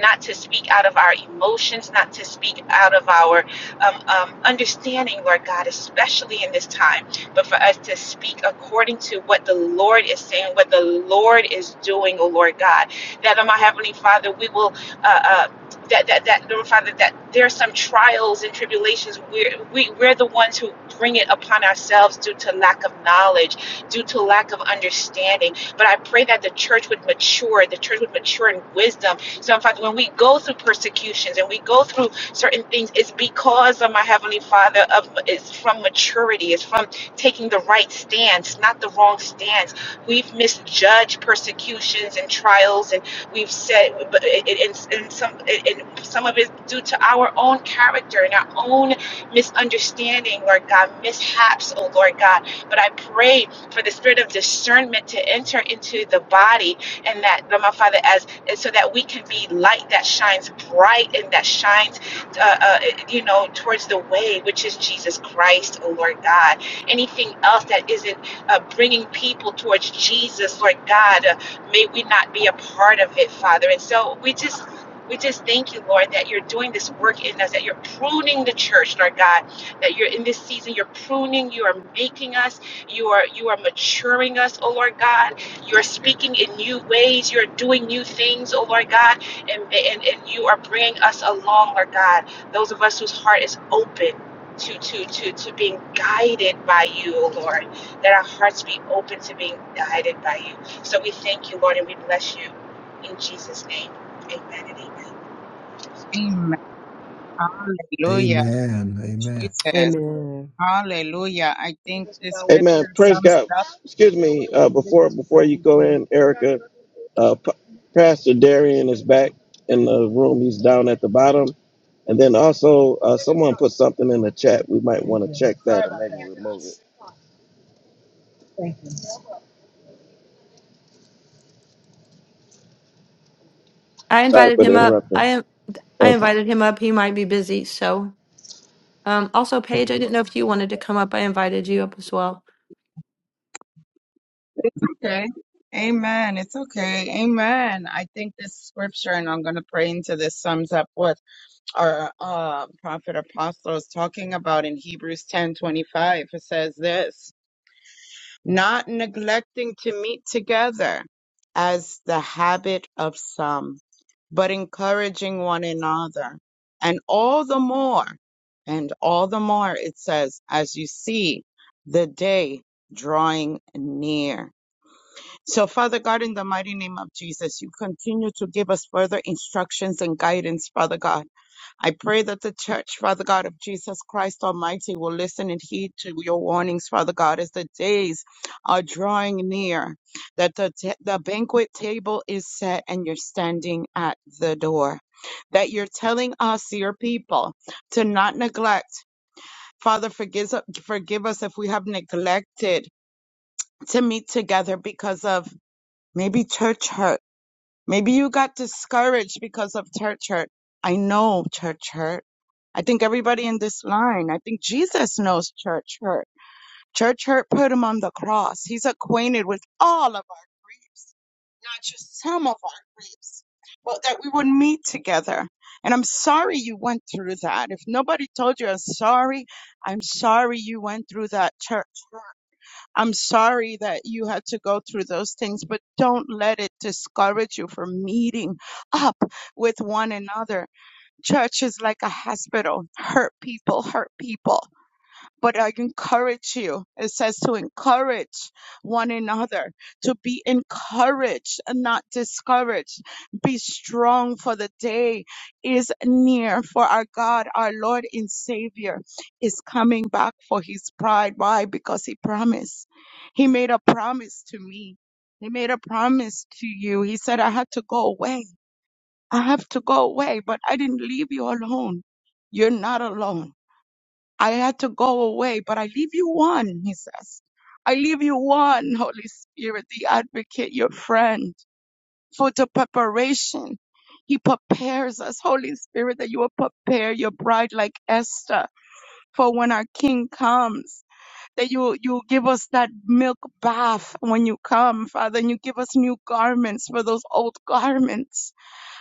S7: not to speak out of our emotions, not to speak out of our um, um, understanding, Lord God, especially in this time, but for us to speak according to what the Lord is saying, what the Lord is doing, oh Lord God, that, oh my Heavenly Father, we will. Uh, uh, that, that, that, Lord Father, that there are some trials and tribulations. We're, we, we're the ones who bring it upon ourselves due to lack of knowledge, due to lack of understanding. But I pray that the church would mature, the church would mature in wisdom. So, in fact, when we go through persecutions and we go through certain things. It's because of my Heavenly Father. Of It's from maturity. It's from taking the right stance, not the wrong stance. We've misjudged persecutions and trials, and we've said, but it, it, and, and some, it, and some of it due to our own character and our own misunderstanding, Lord God, mishaps, oh Lord God. But I pray for the spirit of discernment to enter into the body and that, Lord my Father, as and so that we can be light that shines bright and that shines uh, uh, you know, towards the way, which is Jesus Christ, oh Lord God. Anything else that isn't uh, bringing people towards Jesus, Lord God, uh, may we not be a part of it, Father. And so we just. We just thank you, Lord, that you're doing this work in us, that you're pruning the church, Lord God, that you're in this season, you're pruning, you are making us, you are you are maturing us, oh Lord God. You're speaking in new ways, you're doing new things, oh Lord God and, and, and you are bringing us along, Lord God. Those of us whose heart is open to to to to being guided by you, O Lord. That our hearts be open to being guided by you. So we thank you, Lord, and we bless you in Jesus' name. Amen and amen.
S6: Amen. Hallelujah,
S4: Amen. Amen.
S6: Jesus.
S2: Amen.
S6: Hallelujah. I think this
S5: Amen.
S6: scripture
S5: Praise
S6: sums
S5: God. Excuse me, uh, before before you go in, Erica, uh, P- Pastor Darian is back in the room. He's down at the bottom. And then also, uh, someone put something in the chat. We might want to check that and maybe remove it.
S3: I
S5: Sorry
S3: invited
S5: for the
S3: him up.
S5: interruption.
S3: I I
S5: Okay.
S3: invited him up. He might be busy, so Um, also, Paige, I didn't know if you wanted to come up. I invited you up as well.
S6: okay. Amen. It's okay. Amen. I think this scripture, and I'm going to pray into this, sums up what our uh, prophet apostle is talking about in Hebrews 10:25. It says this not neglecting to meet together as the habit of some. but encouraging one another. And all the more, and all the more, it says, as you see the day drawing near. So, Father God, in the mighty name of Jesus, you continue to give us further instructions and guidance, Father God. I pray that the church, Father God, of Jesus Christ Almighty, will listen and heed to your warnings, Father God, as the days are drawing near, that the, ta- the banquet table is set and you're standing at the door that you're telling us, your people, to not neglect. Father, forgive, forgive us if we have neglected to meet together because of maybe church hurt. Maybe you got discouraged because of church hurt. I know church hurt. I think everybody in this line, I think Jesus knows church hurt. Church hurt put him on the cross. He's acquainted with all of us. not just some of our lives, but that we would meet together. And I'm sorry you went through that. If nobody told you, I'm sorry. I'm sorry you went through that church. I'm sorry that you had to go through those things, but don't let it discourage you from meeting up with one another. Church is like a hospital. Hurt people, hurt people but I encourage you. It says to encourage one another, to be encouraged and not discouraged. Be strong for the day is near for our God, our Lord and Savior is coming back for his bride. Why? Because he promised. He made a promise to me. He made a promise to you. He said, I had to go away. I have to go away, but I didn't leave you alone. You're not alone I had to go away, but I leave you one, he says. I leave you one, Holy Spirit, the advocate, your friend, for the preparation. He prepares us, Holy Spirit, that you will prepare your bride like Esther for when our King comes, that you, you give us that milk bath when you come, Father, and you give us new garments for those old garments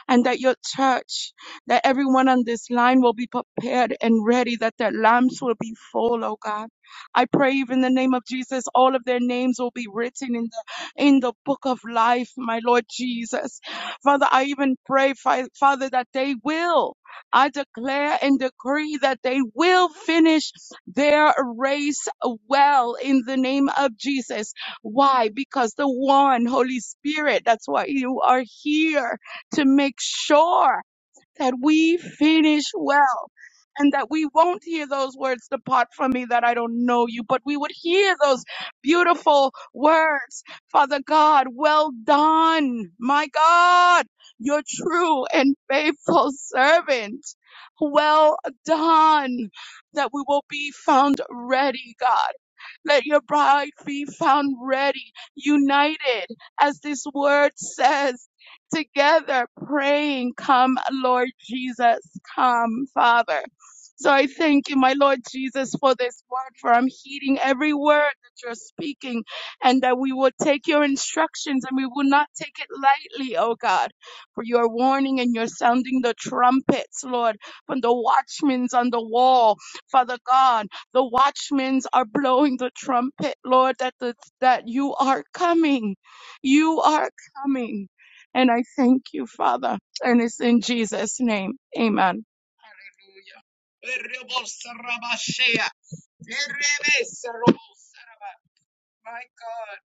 S6: and that your church, that everyone on this line will be prepared and ready, that their lamps will be full, oh God. I pray even in the name of Jesus, all of their names will be written in the in the book of life, my Lord Jesus. Father, I even pray, Fa- Father, that they will. I declare and decree that they will finish their race well in the name of Jesus. Why? Because the one Holy Spirit, that's why you are here to make sure that we finish well and that we won't hear those words depart from me that I don't know you, but we would hear those beautiful words. Father God, well done. My God, your true and faithful servant. Well done. That we will be found ready, God. Let your bride be found ready, united, as this word says, together praying, Come, Lord Jesus, come, Father. So I thank you, my Lord Jesus, for this word, for I'm heeding every word that you're speaking, and that we will take your instructions and we will not take it lightly, oh God, for your warning and your sounding the trumpets, Lord, from the watchmen's on the wall, Father God. The watchmen are blowing the trumpet, Lord, that the, that you are coming. You are coming. And I thank you, Father. And it's in Jesus' name. Amen.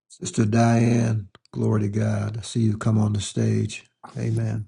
S4: Sister Diane, glory to God. I see you come on the stage. Amen.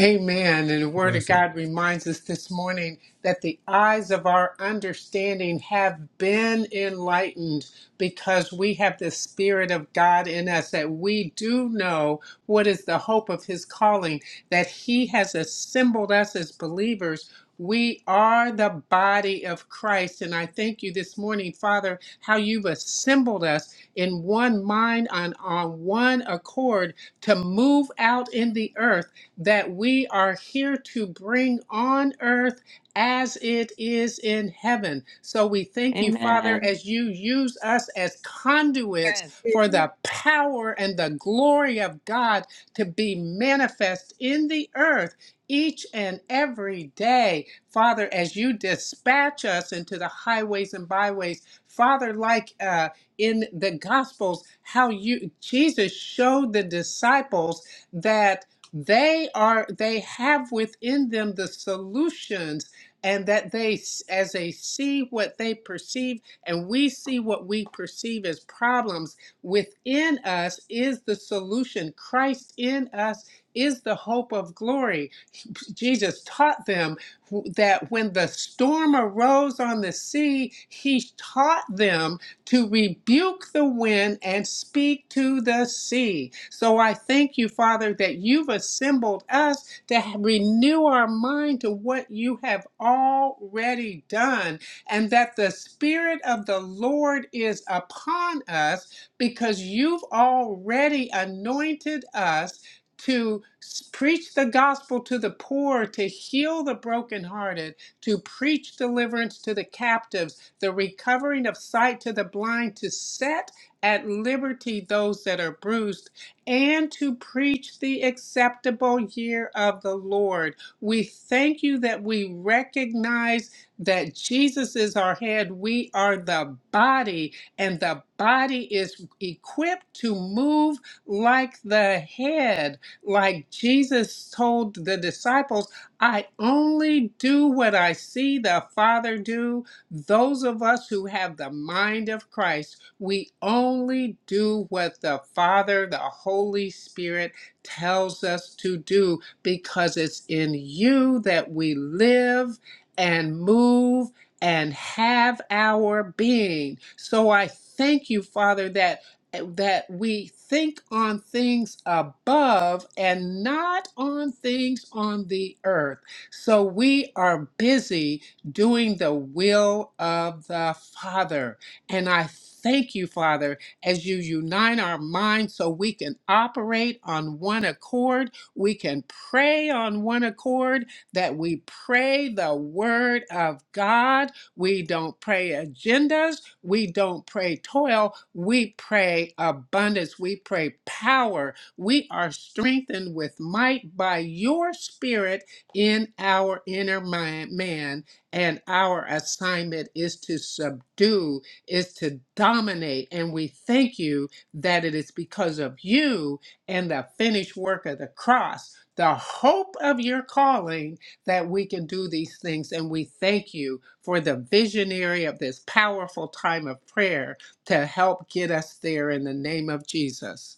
S8: Amen. And the Word of
S4: Blessing.
S8: God reminds us this morning that the eyes of our understanding have been enlightened because we have the Spirit of God in us, that we do know what is the hope of His calling, that He has assembled us as believers. We are the body of Christ. And I thank you this morning, Father, how you've assembled us in one mind and on one accord to move out in the earth that we are here to bring on earth as it is in heaven. So we thank you, Father,
S3: Amen.
S8: as you use us as conduits for the power and the glory of God to be manifest in the earth. Each and every day, Father, as you dispatch us into the highways and byways, Father, like uh, in the Gospels, how you Jesus showed the disciples that they are they have within them the solutions and that they s- as they see what they perceive and we see what we perceive as problems within us is the solution christ in us is the hope of glory jesus taught them wh- that when the storm arose on the sea he taught them to rebuke the wind and speak to the sea. So I thank you, Father, that you've assembled us to ha- renew our mind to what you have already done, and that the Spirit of the Lord is upon us because you've already anointed us. To s- preach the gospel to the poor, to heal the brokenhearted, to preach deliverance to the captives the recovering of sight to the blind, to set at liberty those that are bruised, and to preach the acceptable year of the Lord. We thank you that we recognize that Jesus is our head, we are the body, and the body is equipped to move like the head. Like Jesus told the disciples, I only do what I see the Father do those of us who have the mind of Christ, we only do what the Father, the Holy Spirit tells us to do because it's in you that we live and move and have our being. So I thank you, Father, that that we think on things above and not on things on the earth. So we are busy doing the will of the Father. And I thank you, Father, as you unite our minds so we can operate on one accord. We can pray on one accord, that we pray the word of God. We don't pray agendas. We don't pray toil. We pray abundance. We pray power. We are strengthened with might by your spirit in our inner man. man and our assignment is to subdue, is to dominate. And we thank you that it is because of you and the finished work of the cross, the hope of your calling, that we can do these things. And we thank you for the visionary of this powerful time of prayer to help get us there in the name of Jesus.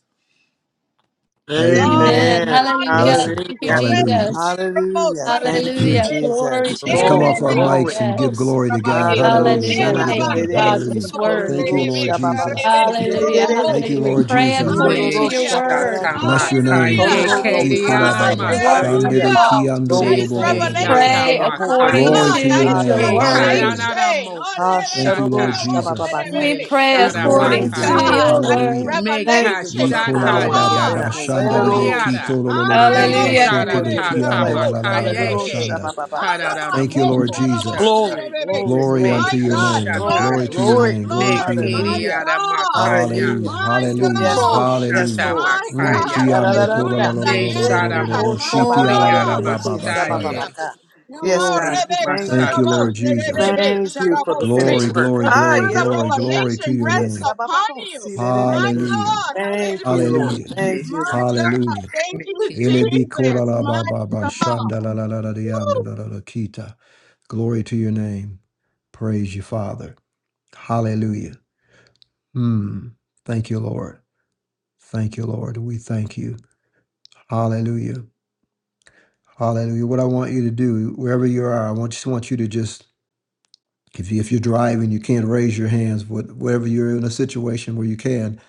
S6: God.
S4: Amen.
S3: Amen.
S2: Amen.
S3: Hallelujah.
S4: Blessing.
S3: Thank you,
S2: Hallelujah.
S4: Hallelujah.
S3: Jesus.
S2: Hallelujah. Thank you,
S3: Hallelujah. Glory
S2: Jesus.
S3: to
S4: Let's
S3: your
S4: come
S2: Glory,
S4: off
S3: name,
S4: our
S3: God.
S2: glory.
S4: mics and give
S3: Yes.
S4: glory to God.
S2: Aroro
S4: Hallelujah.
S3: Hallelujah.
S4: Glory to
S3: Thank you,
S4: God.
S6: Hallelujah.
S2: shananderere
S3: God, for
S2: ki
S4: Hallelujah.
S3: this word.
S4: Thank you,
S2: kororo
S4: Lord
S2: shabababa
S4: Jesus.
S2: si
S3: Hallelujah.
S2: derere
S4: Thank
S2: se.
S4: you,
S3: Hallelujah. We
S4: Lord
S3: pray
S4: Jesus.
S3: according to
S8: Me
S2: Irororo
S3: your word.
S8: shata
S2: sharararanda
S4: Bless your
S2: basi
S3: We
S4: name.
S6: Hallelujah.
S8: makaya
S2: kororo.
S3: pray
S2: Lord, we give you
S3: according
S8: keriara
S3: to the
S4: Ikolababa,
S2: praise.
S3: word of
S2: Hallelujah.
S8: makaya.
S4: shandere
S6: Hallelujah.
S3: God. We
S2: Lord,
S6: That
S2: we
S6: is
S2: thank
S8: Shete
S2: you, Lord,
S4: kiandorobobobobosha.
S8: yata
S2: for
S3: Pray
S2: the
S6: revelation.
S2: hope
S6: My
S2: of
S3: according
S2: glory.
S4: Glory
S6: God,
S8: makaya.
S4: to
S6: that
S4: your
S3: to
S6: is
S3: your
S4: name.
S2: Aroro
S8: Ke
S3: word.
S4: Hallelujah.
S2: sharararanda.
S8: karanara
S6: revelation. Oh,
S8: moko
S2: Ah,
S6: rebe,
S4: Thank you,
S2: sharoro
S4: Lord
S8: shata.
S6: rebo,
S4: Jesus.
S2: shabababaka.
S3: We
S8: Me
S6: rebe.
S3: pray
S2: We
S8: shara
S6: My
S4: Glory to
S3: according
S2: thank
S3: to
S2: you,
S4: God.
S2: Lord
S8: makaya.
S6: God,
S3: your
S6: that
S2: God.
S6: is
S4: Hallelujah.
S3: word.
S8: Me
S2: Thank you
S6: revelation
S2: for the
S6: of
S8: kashata
S6: who you
S2: power
S6: are.
S2: within
S8: riara
S4: Ikolalababa
S6: My
S2: us.
S8: moko
S6: God.
S4: shandalade kitololololobo shetede kiandalalaba
S2: Aroro
S4: shanda. da de ki to
S8: riara.
S2: sha-
S4: lo lo
S6: My
S4: lo lo lo
S2: To
S8: Me
S4: lo bo
S2: will
S3: Hallelujah.
S2: and
S4: she
S2: do
S4: te
S8: shara
S2: of
S4: de
S2: your
S4: ki
S2: good
S8: tata
S4: anda la
S2: pleasure.
S4: la la la ba
S8: makaya ke.
S4: shanda.
S2: Hallelujah.
S8: Karara
S4: Thank you, Lord
S8: moko
S4: Jesus.
S8: shata.
S2: Glory, glory,
S4: Glory
S2: glory,
S8: Me
S4: unto
S8: ya
S4: your
S6: God,
S2: glory,
S4: name.
S8: shata.
S2: glory,
S4: Glory
S6: glory,
S4: to your
S6: God,
S2: glory.
S4: name. Glory
S8: Ne
S4: to
S6: glory,
S4: your
S6: my
S4: name.
S2: Hallelujah.
S8: keriara
S6: God,
S8: makaya.
S2: Hallelujah.
S4: Hallelujah.
S6: my
S4: Hallelujah.
S2: Yes, Lord.
S8: Moko
S6: God,
S2: Yes,
S8: shata
S4: Hallelujah.
S2: Lord.
S6: my
S4: Mm.
S2: Eh,
S6: God,
S8: makaya.
S4: kiando
S6: hallelujah,
S2: da-da-da-da-da.
S8: Ne
S2: Eh,
S6: Diana,
S8: sara
S2: ke-
S6: God,
S4: kolalolololobo
S2: ko-
S6: my
S8: mokori
S2: shabamba, da de
S8: ara
S6: God,
S2: de de.
S4: shitialalalababa shanda.
S6: hallelujah.
S2: sabababaka. Yes,
S8: Kori
S2: God, we thank
S4: Thank
S2: you.
S4: you,
S8: masata.
S4: Lord Jesus.
S2: Thank you for the
S4: Glory,
S2: finished work.
S4: glory,
S6: The
S2: Ah,
S4: glory,
S6: spirit of
S4: glory,
S2: yerorosha.
S4: glory to
S6: revelation
S4: your
S2: Eh,
S6: rests
S4: name.
S6: upon
S2: sabababo,
S6: you,
S2: si, da de de
S6: my
S2: de.
S4: Hallelujah.
S6: God,
S2: Thank
S6: hallelujah.
S2: you, Lord.
S4: Hallelujah.
S8: Ne
S2: Thank
S6: My
S2: you, Lord.
S8: sata.
S6: God.
S4: Hallelujah.
S6: Thank
S8: Ne
S6: you,
S8: kia
S4: Elebi
S8: sata.
S4: kora
S6: Jesus.
S4: la
S6: My
S4: ba ba ba
S6: God.
S4: shanda la la la la di
S6: Woo.
S4: anda la la la kita. Glory to your name. Praise you, Father. Hallelujah. Hmm. Thank you, Lord. Thank you, Lord. We thank you. Hallelujah. Hallelujah. What I want you to do, wherever you are, I want just want you to just if you if you're driving, you can't raise your hands. What wherever you're in a situation where you can,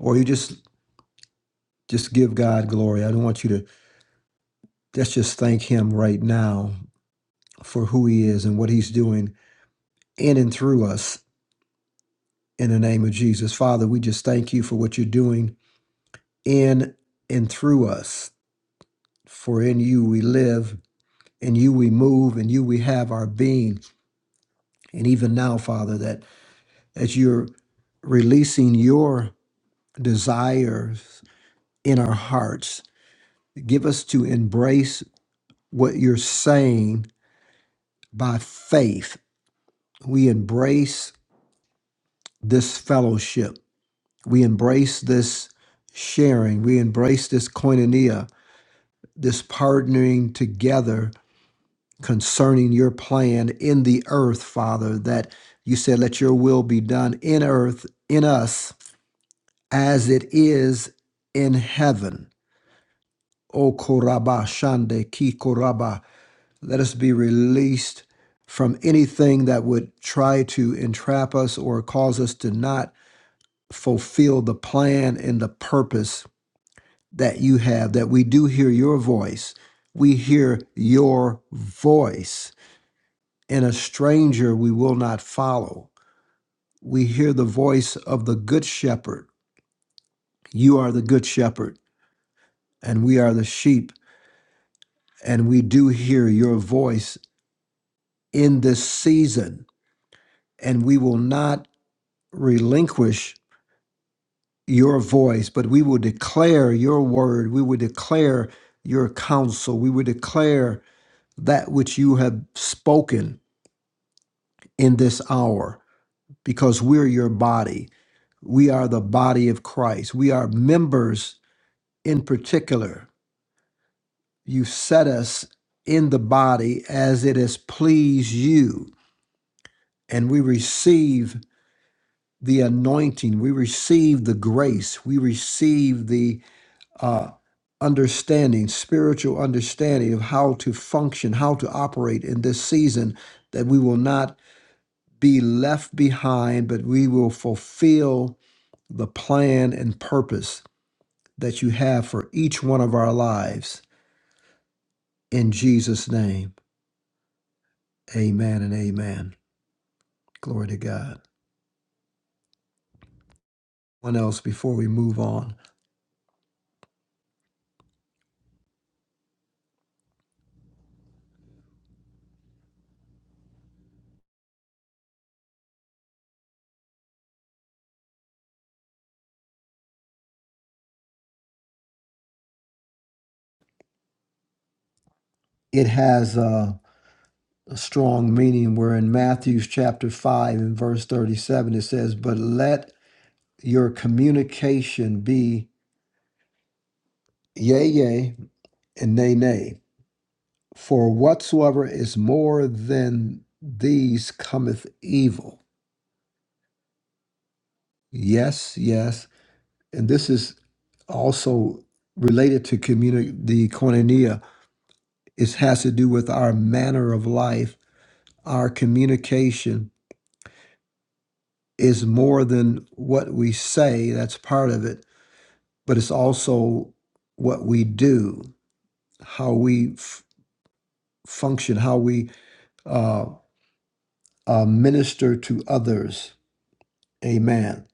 S4: or you just Just give God glory. I don't want you to, let's just thank Him right now for who He is and what He's doing in and through us in the name of Jesus. Father, we just thank you for what you're doing in and through us. For in you we live, in you we move, in you we have our being. And even now, Father, that as you're releasing your desires in our hearts, give us to embrace what you're saying by faith we embrace this fellowship. We embrace this sharing. We embrace this koinonia, this partnering together concerning your plan in the earth, Father, that you said, let your will be done in earth, in us, as it is in heaven. O Koraba Shande Ki Koraba, let us be released from anything that would try to entrap us or cause us to not fulfill the plan and the purpose that you have, that we do hear your voice. We hear your voice. And a stranger we will not follow. We hear the voice of the good shepherd. You are the good shepherd, and we are the sheep, and we do hear your voice in this season. And we will not relinquish your voice, but we will declare your word. We will declare your counsel. We will declare that which you have spoken in this hour, because we're your body. We are the body of Christ. We are members in particular. You set us in the body as it has pleased you, and we receive the anointing, we receive the grace, we receive the uh, understanding, spiritual understanding of how to function, how to operate in this season, that we will not be left behind, but we will fulfill the plan and purpose that you have for each one of our lives. In Jesus' name, amen and amen. Glory to God. One else before we move on, it has a, a strong meaning where in Matthew's chapter 5 and verse 37 it says, But let your communication be yea, yea, and nay, nay. For whatsoever is more than these cometh evil. Yes, yes. And this is also related to communi- the koinonia. It has to do with our manner of life. Our communication is more than what we say, that's part of it, but it's also what we do, how we f- function, how we uh, uh, minister to others. Amen.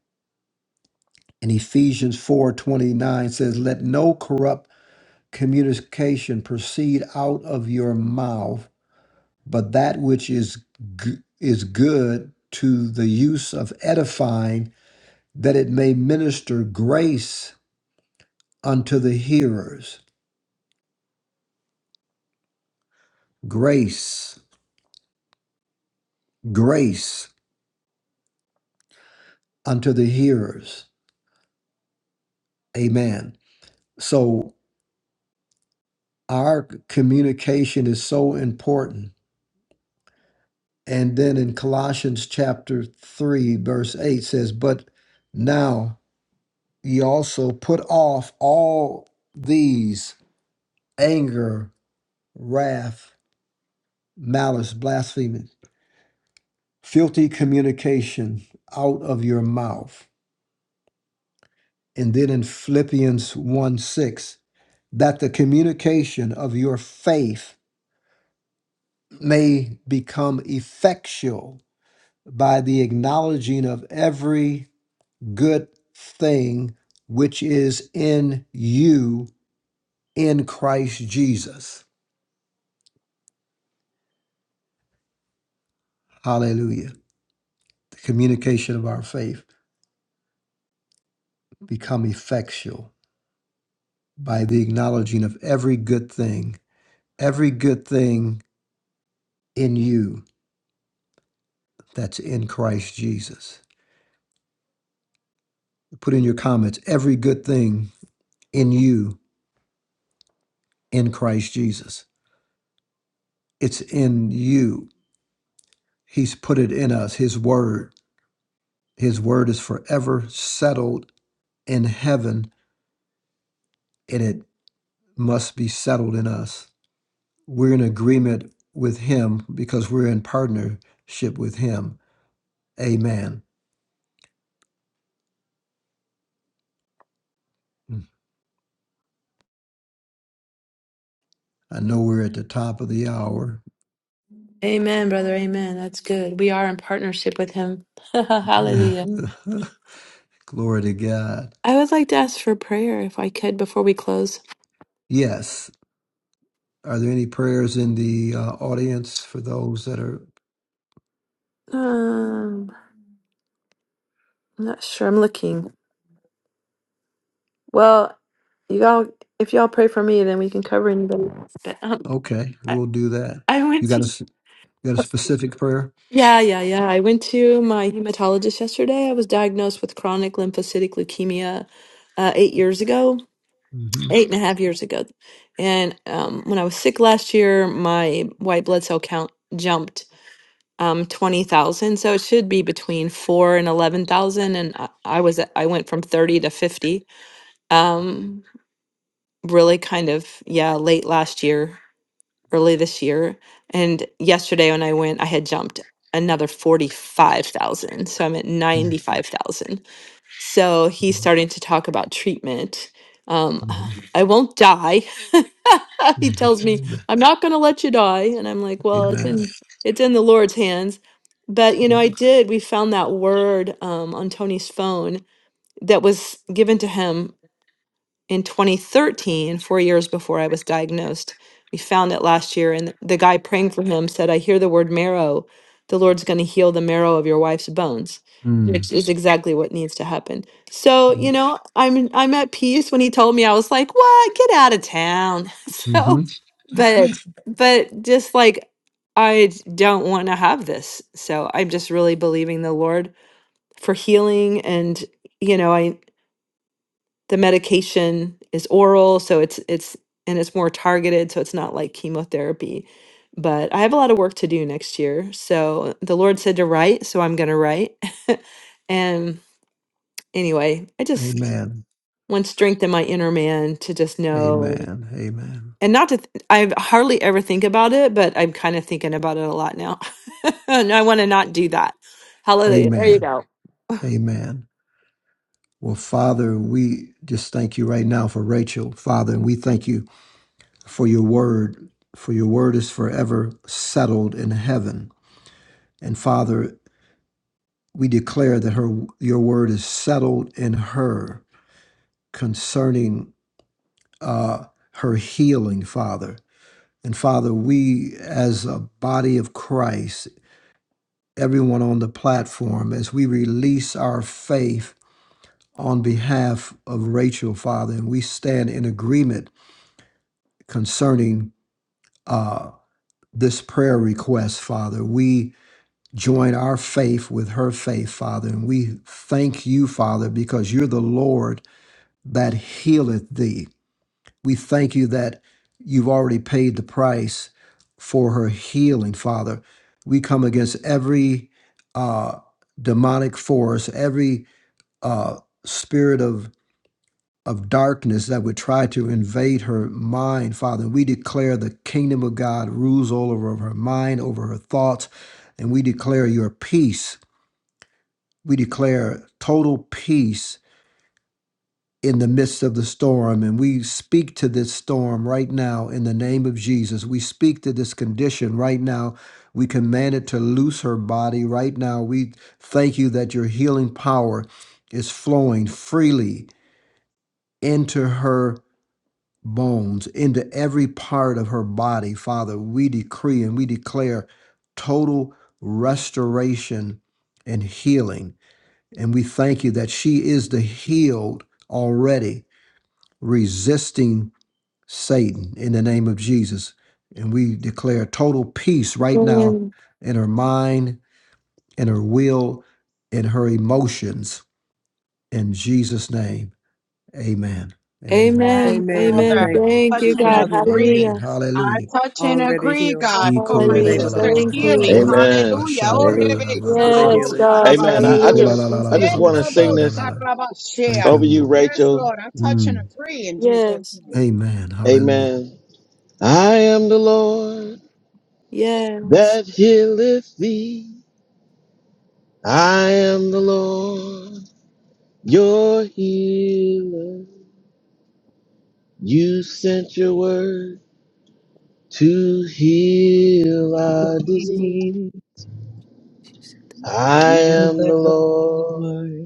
S4: And Ephesians 4:29 says, "Let no corrupt communication proceed out of your mouth, but that which is g- is good to the use of edifying, that it may minister grace unto the hearers." Grace, grace unto the hearers. Amen. So our communication is so important And then in Colossians chapter 3, verse 8 says, But now ye also put off all these anger, wrath, malice, blasphemy, filthy communication out of your mouth. And then in Philippians 1 6, that the communication of your faith may become effectual by the acknowledging of every good thing which is in you in Christ Jesus. Hallelujah. The communication of our faith become effectual by the acknowledging of every good thing, every good thing in you that's in Christ Jesus. Put in your comments every good thing in you in Christ Jesus. It's in you. He's put it in us, His word. His word is forever settled in heaven and it must be settled in us. We're in agreement with Him because we're in partnership with Him. Amen. I know we're at the top of the hour.
S3: Amen, brother. Amen. That's good. We are in partnership with him. Hallelujah.
S4: Glory to God.
S3: I would like to ask for prayer if I could before we close.
S4: Yes. Are there any prayers in the uh, audience for those that are
S3: Um, I'm not sure. I'm looking. Well, you all, if y'all pray for me, then we can cover anybody. else. But um,
S4: okay?
S3: I,
S4: We'll do that.
S3: I
S4: You
S3: went
S4: got
S3: to.
S4: a you got a specific prayer?
S3: Yeah, yeah, yeah. I went to my hematologist yesterday. I was diagnosed with chronic lymphocytic leukemia uh, eight years ago,
S4: hmm
S3: eight and a half years ago. And um, when I was sick last year, my white blood cell count jumped. um 20,000 so it should be between 4 and 11,000 and I, I was at- I went from 30 to 50 um really kind of yeah late last year early this year and yesterday when I went I had jumped another 45,000 so I'm at 95,000 so he's starting to talk about treatment. Um,
S4: Amen.
S3: I won't die. he tells me, I'm not going to let you die. And I'm like, well, it's
S4: Amen.
S3: in, it's in the Lord's hands. But, you know,
S4: Right.
S3: I did, we found that word um, on Tony's phone that was given to him in 2013, four years before I was diagnosed. We found it last year, and the guy praying for him said, I hear the word marrow. The Lord's going to heal the marrow of your wife's bones,
S4: Mm.
S3: which is exactly what needs to happen. So, you know, I'm I'm at peace when he told me. I was like, "What? Get out of town." So,
S4: hmm
S3: but but just like I d- don't want to have this. So, I'm just really believing the Lord for healing and you know, I the medication is oral so it's it's and it's more targeted so it's not like chemotherapy but i have a lot of work to do next year so the lord said to write so i'm going to write and anyway i just
S4: Amen.
S3: want strength in my inner man to just know
S4: Amen. Amen.
S3: and not to th- i hardly ever think about it but i'm kind of thinking about it a lot now and i want to not do that hallelujah there you
S4: Amen.
S3: go
S4: Amen. Well, Father, we just thank you right now for Rachel, Father, and we thank you for your word, for your word is forever settled in heaven. And Father, we declare that her your word is settled in her concerning uh, her healing, Father. And Father, we as a body of Christ, everyone on the platform, as we release our faith on behalf of Rachel, Father, and we stand in agreement concerning uh, this prayer request, Father. We join our faith with her faith, Father, and we thank you, Father, because you're the Lord that healeth thee. We thank you that you've already paid the price for her healing, Father. We come against every uh, demonic force, every uh, spirit of of darkness that would try to invade her mind, Father. We declare the kingdom of God rules all over her mind, over her thoughts, and we declare your peace. We declare total peace in the midst of the storm, and we speak to this storm right now in the name of Jesus. We speak to this condition right now. We command it to loose her body right now. We thank you that your healing power is flowing freely into her bones, into every part of her body, Father. We decree and we declare total restoration and healing. And we thank you that she is the healed already, resisting Satan in the name of Jesus. And we declare total peace right now
S3: amen
S4: in her mind, in her will, in her emotions. In Jesus' name, amen and amen.
S6: And
S3: amen
S2: Amen.
S6: uh,
S3: amen
S2: Thank
S4: Amen.
S3: thank
S6: touch
S2: you
S3: you
S6: and
S2: for the
S3: god
S2: healing.
S6: agree.
S4: Amen.
S3: hallelujah
S6: I
S4: Hallelujah.
S6: touch and
S2: Already
S6: agree,
S2: healed.
S6: God, for
S2: In
S4: Ikola
S6: my
S2: the
S4: la
S2: name
S4: la
S3: hallelujah
S2: of the
S4: la
S6: sister's
S2: Lord
S4: ba
S3: thank
S4: ba ba
S2: Jesus.
S6: healing.
S4: ba
S3: you
S4: ba ba
S5: Amen.
S4: ba
S6: Hallelujah. Oh,
S4: shanda la
S2: Thank
S4: la
S5: Hallelujah.
S4: la
S2: you,
S6: Rebe,
S4: ba
S2: Lord,
S4: ba
S2: for the
S4: shanda.
S3: Yes,
S6: Sorobo,
S2: healing in the
S3: God.
S2: name of
S5: Amen.
S6: Sarabashea.
S2: the
S5: I, I
S2: Lord
S4: Ikola
S3: Hallelujah.
S2: Jesus.
S4: la
S5: just
S4: la
S3: Thank
S5: I
S4: la
S3: you,
S5: just
S4: ba ba
S5: want
S3: Jesus.
S5: to
S6: Egrobo,
S5: sing
S4: shanda
S5: this
S4: la la. Thank
S6: Sarabashea.
S4: you,
S5: Over you,
S4: Lord.
S6: Yes,
S5: Rachel.
S6: Lord, I touch and
S4: Mm.
S6: agree in Jesus'
S3: Yes.
S6: name.
S4: Amen. Hallelujah.
S5: Amen. I am the Lord
S3: Yes.
S5: that healeth thee. I am the Lord your healer. You sent your word to heal our disease. I
S6: Little
S5: am the
S6: bit of
S5: Lord
S6: mercy.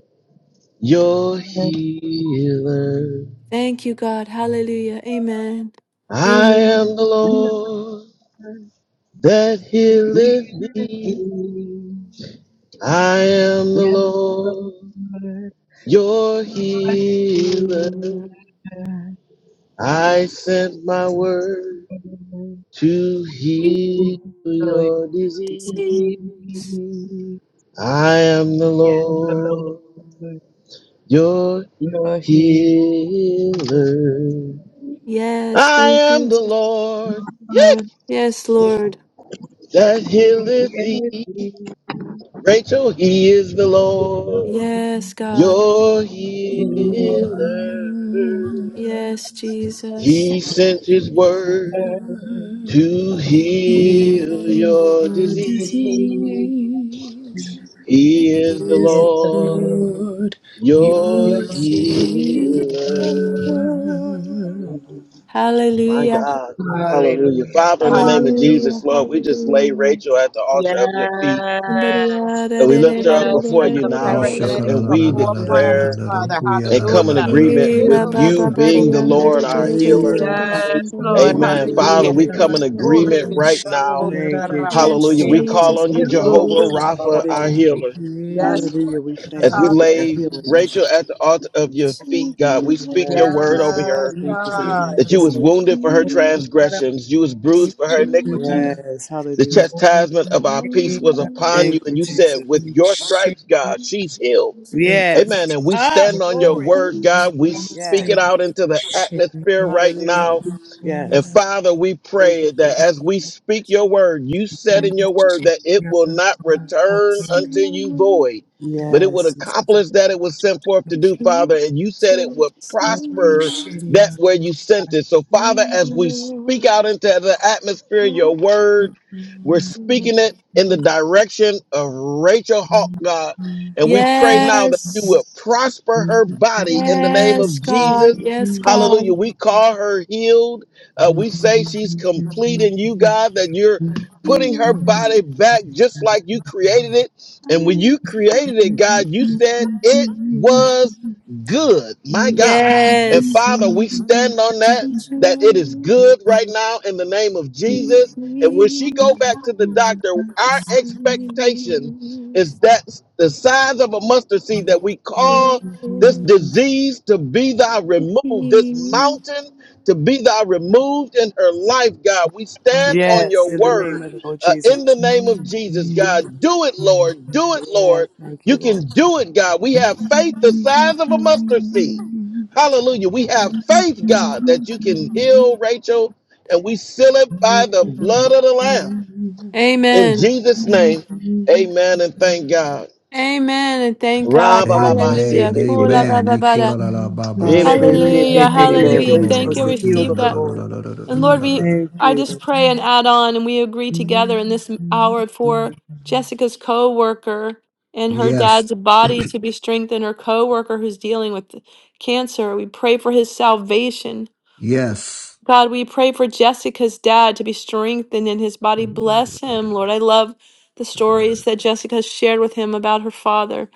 S5: your healer.
S3: Thank you, God. Hallelujah. Amen.
S5: I am
S3: Amen.
S5: the Lord that healeth thee.
S6: Yes,
S5: I am
S6: we
S5: the Lord your healer. I sent my word to
S3: Yes.
S5: heal
S6: know
S5: your
S6: it's
S5: disease.
S6: me.
S5: I am the
S6: And the Lord.
S5: Lord, your healer. I
S3: Thank you.
S5: am the
S3: Jesus.
S5: Lord yeah,
S3: Yes, Lord.
S5: that healeth thee.
S6: Yes, we
S5: Rachel, he is the Lord,
S3: Yes, God.
S5: your healer.
S3: Yes, Jesus.
S5: He sent his word to heal your disease.
S8: Praise
S5: He is the
S6: Yes, the
S5: Lord,
S6: Lord,
S8: Lord. You
S5: your
S6: your King.
S5: healer. My
S3: Hallelujah.
S5: God. Hallelujah.
S6: Hallelujah.
S5: Father, in the name of
S6: Hallelujah.
S3: Hallelujah.
S5: Jesus, Lord, we just lay
S3: Hallelujah.
S5: Rachel at the altar of your feet.
S6: Yes.
S5: And we
S8: are
S5: lift her up
S6: Yes.
S5: before
S6: Like
S5: you
S6: the
S5: now, and,
S4: Ishaka
S6: paralytic,
S5: and
S4: la
S6: the
S3: Somebody.
S4: la
S5: we
S4: la
S6: four
S4: la
S8: mokori
S4: la
S8: ara
S6: friends,
S5: declare
S4: yanda do
S8: mastaye.
S6: Father.
S4: kuya la
S5: and
S4: la
S5: come in
S4: la
S6: Hallelujah.
S4: la la la
S5: agreement
S4: la
S5: with
S3: Ila
S4: yanda da
S5: you
S3: baba
S4: da.
S3: bari
S5: being the
S6: Yes,
S3: yanda
S5: Lord,
S3: da da
S5: our
S3: da da da
S8: shitia.
S5: healer.
S3: da
S2: Hallelujah.
S3: da sinda da
S6: Lord.
S3: ya da
S2: Hallelujah.
S3: da
S5: Amen.
S8: Mokori
S6: Hallelujah.
S2: We
S5: Father,
S3: da
S2: agree
S5: we
S3: da da
S8: ara
S2: with you.
S5: come
S3: da ya
S5: in
S3: da da da
S8: mastaye.
S6: Glory
S5: agreement
S3: da
S5: right
S3: da.
S6: Robo
S5: now.
S8: Shitia
S2: Thank
S8: rara.
S2: you, Jesus.
S3: Yes,
S5: Hallelujah.
S6: Sarabashia.
S5: We
S2: We
S5: call
S2: thank
S3: Jesus.
S5: on
S3: I'm
S5: you,
S6: Robo
S5: Jehovah
S3: walking
S5: Rapha, our
S6: Sarabababababab.
S5: healer.
S2: you.
S8: Ne
S6: Yes,
S8: kia
S2: Hallelujah.
S6: Lord.
S2: We
S5: As
S8: rara
S2: thank
S5: we
S2: you for your
S6: Hallelujah.
S5: lay
S2: healing.
S5: Rachel at the altar of your feet, God, we speak your
S2: Yes,
S5: word
S2: Jesus.
S5: over
S6: Yes,
S2: We
S5: her
S2: Thank you for your
S6: God.
S8: Shitty,
S5: that you was wounded for her
S2: manifestation.
S5: transgressions, you was bruised for her iniquities.
S2: Yes.
S5: The
S2: Hallelujah.
S5: chastisement of our peace was upon you,
S2: Thank you,
S5: and you said,
S2: Jesus.
S5: With your stripes, God, she's healed.
S2: Yes.
S5: Amen. And we
S2: Ah,
S5: stand on your
S2: glory.
S5: word, God. We speak
S2: Yes.
S5: it out into the atmosphere right now
S2: Hallelujah.
S5: and
S2: Yes.
S5: Father, we
S2: Thank you,
S5: pray that
S2: Jesus.
S5: as we speak your word, you said in your word that it will not return
S3: to the
S5: unto you
S3: walking
S5: void, but it would
S2: Yes.
S5: accomplish that it was sent forth to do,
S3: She chose
S5: Father. And you said it
S3: to
S5: would
S3: see
S5: prosper
S3: you,
S5: that where you sent it. So, Father, as we speak
S3: Lord,
S5: out into the atmosphere, your
S3: Lord.
S5: word, we're speaking it in the direction of Rachel Hawk, God. And we pray now that you will
S3: Yes,
S5: prosper her body in the name
S3: yes,
S5: of
S3: God,
S5: Jesus.
S3: yes,
S5: Hallelujah.
S3: God.
S5: We call her healed. Uh, we say she's complete in you, God, that you're putting
S3: Here
S5: her body back just like you created it.
S3: I
S5: And when
S3: am,
S5: you
S3: Lord.
S5: created it, God, you said it was good. My God. And
S3: Yes.
S5: Father, we stand on that,
S3: Since
S5: that it is
S3: you
S5: good right now in the name of
S3: came
S5: Jesus. And when
S3: me,
S5: she go back to the doctor,
S3: I
S5: our
S3: see
S5: expectation is that the size of a mustard seed that we call this disease to be thy removed, this mountain to be thou removed in her life, God. We stand on
S2: Yes,
S5: your
S2: in the name
S5: word
S2: of the Lord
S5: uh, in the
S2: Jesus.
S5: name of Jesus, God. Do it, Lord. Do it,
S2: Yes,
S5: Lord.
S2: thank you,
S5: You
S2: Lord.
S5: can do it, God. We have faith the size of a mustard seed. Hallelujah. We have faith, God, that you can heal Rachel, and we seal it by the blood of the Lamb. In
S3: Amen.
S5: Jesus' name, amen and thank God.
S3: Amen and thank
S5: Ra
S3: God.
S5: ba ba ba,
S4: Amen.
S3: Hallelujah.
S5: shete
S3: Hula
S5: kiriba.
S3: ba
S4: Amen.
S3: ba ba
S4: Ikola
S3: da.
S4: la la ba ba
S5: Rebe be
S4: shanda da.
S2: Hallelujah.
S3: Hallelujah.
S5: shete
S2: Thank you
S4: Thank
S2: that
S5: kiribo.
S4: you,
S3: Hallelujah.
S2: Rachel
S3: Thank
S4: Lord.
S2: was
S3: you.
S2: the healed
S3: Receive
S2: of
S4: Ikiyanda
S2: the
S3: that.
S4: la la la
S2: Lord.
S4: la la
S3: And
S4: la la
S3: Lord,
S4: la la
S3: we
S4: la.
S2: Thank
S3: I
S2: you.
S3: just
S2: Lord.
S3: pray and add on and we agree together in this hour for Jessica's co-worker and her
S4: Yes.
S3: dad's body to be strengthened, her co-worker who's dealing with cancer. We pray for his salvation.
S4: Yes.
S3: God, we pray for Jessica's dad to be strengthened in his body. Bless him, Lord. I love the stories that Jessica shared with him about her father.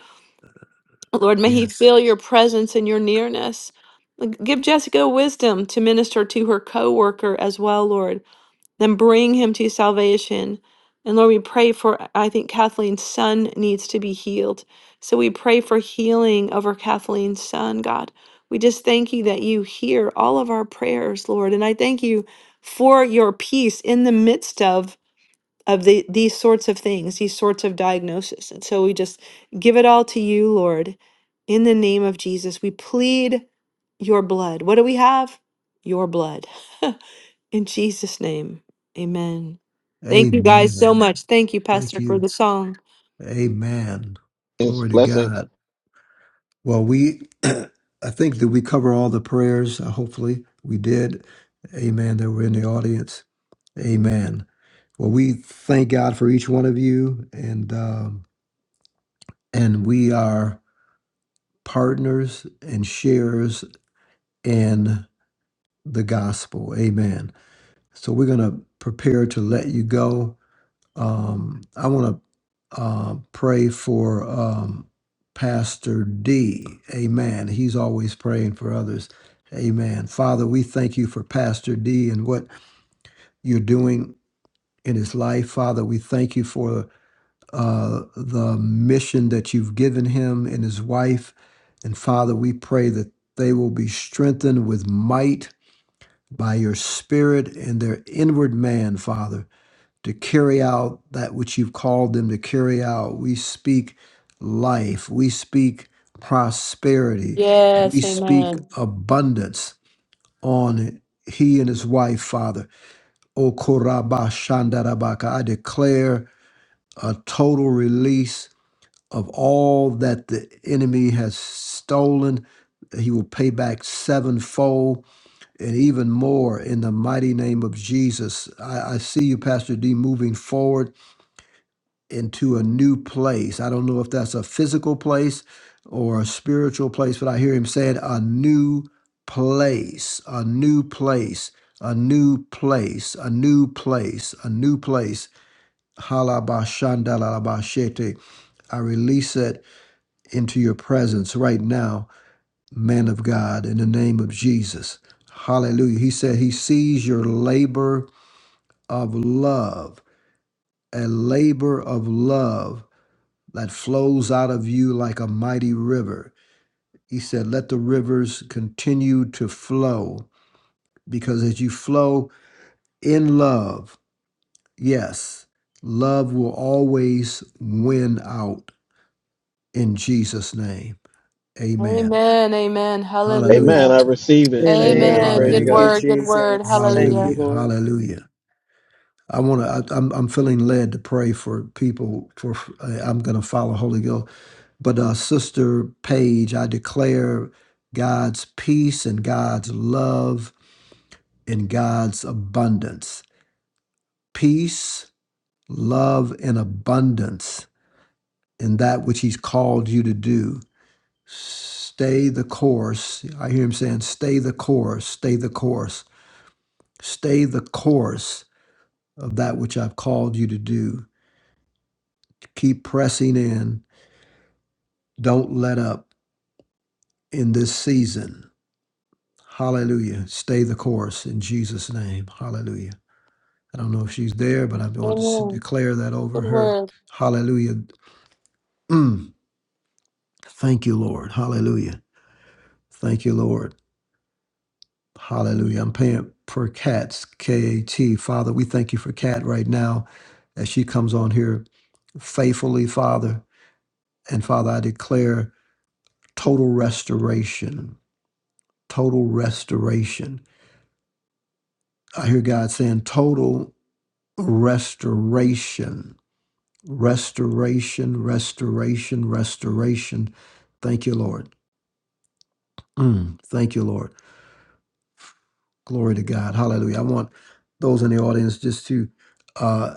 S3: Lord, may he
S4: Yes.
S3: feel your presence and your nearness. Like, Give Jessica wisdom to minister to her coworker as well, Lord. Then bring him to salvation. And Lord, we pray for, I think Kathleen's son needs to be healed. So we pray for healing over Kathleen's son, God. We just thank you that you hear all of our prayers, Lord. And I thank you for your peace in the midst of of the these sorts of things, these sorts of diagnoses, And so we just give it all to you, Lord, in the name of Jesus. We plead your blood. What do we have? Your blood. in Jesus' name. Amen. Thank you guys so
S4: Amen.
S3: much. Thank you,
S4: Thank
S3: Pastor, for
S4: you.
S3: the song.
S4: Amen. Glory to
S5: Blessings.
S4: God. Well, we, I think that we cover all the prayers. uh, Hopefully, we did. Amen. That were in the audience. Amen. Well, we thank God for each one of you, and um, and we are partners and sharers in the gospel. Amen. So we're gonna prepare to let you go. um, I want to uh, pray for um, Pastor D. Amen. He's always praying for others. Amen. Father, we thank you for Pastor D and what you're doing in his life. Father, we thank you for uh, the mission that you've given him and his wife. And Father, we pray that they will be strengthened with might by your spirit and their inward man, Father to carry out that which you've called them to carry out. We speak life, we speak prosperity, we
S3: Yes,
S4: speak
S3: amen.
S4: abundance on he and his wife, Father. O Koraba Shandarabaka, I declare a total release of all that the enemy has stolen. He will pay back sevenfold and even more in the mighty name of Jesus. I, I see you, Pastor D, moving forward into a new place. I don't know if that's a physical place or a spiritual place, but I hear him saying a new place, a new place, a new place, a new place, a new place. Halabashandalalabashete. I release it into your presence right now, man of God, in the name of Jesus. Hallelujah. He said he sees your labor of love, a labor of love that flows out of you like a mighty river. He said, Let the rivers continue to flow because as you flow in love, yes, love will always win out in Jesus' name. Amen.
S3: Amen. Amen.
S4: Hallelujah.
S5: Amen.
S3: Hallelujah.
S5: I receive it.
S3: Amen.
S5: Amen.
S2: Amen.
S5: Praise
S3: Good
S2: Thank you,
S5: God.
S4: Hallelujah.
S3: word.
S2: Jesus. Thank you,
S3: Hallelujah.
S4: Hallelujah.
S2: Lord.
S4: Hallelujah. I want to. I'm. I'm feeling led to pray for people. For uh, I'm going to follow Holy Ghost. But uh, Sister Paige, I declare God's peace and God's love and God's abundance. Peace, love, and abundance in that which He's called you to do. Stay the course. I hear Him saying, Stay the course, stay the course, stay the course of that which I've called you to do. Keep pressing in. Don't let up in this season Hallelujah. Stay the course in Jesus' name. Hallelujah. I don't know if she's there, but I'm going to s-
S3: Amen.
S4: declare that
S3: Good
S4: over her.
S3: word.
S4: Hallelujah. Mm. Thank you, Lord. Hallelujah. Thank you, Lord. Hallelujah. I'm paying for cats, K A T. Father, we thank you for Kat right now as she comes on here faithfully, Father. And Father, I declare total restoration, total restoration. I hear God saying total restoration restoration, restoration, restoration. Thank you, Lord. Mm, thank you, Lord. Glory to God. Hallelujah. I want those in the audience just to, uh,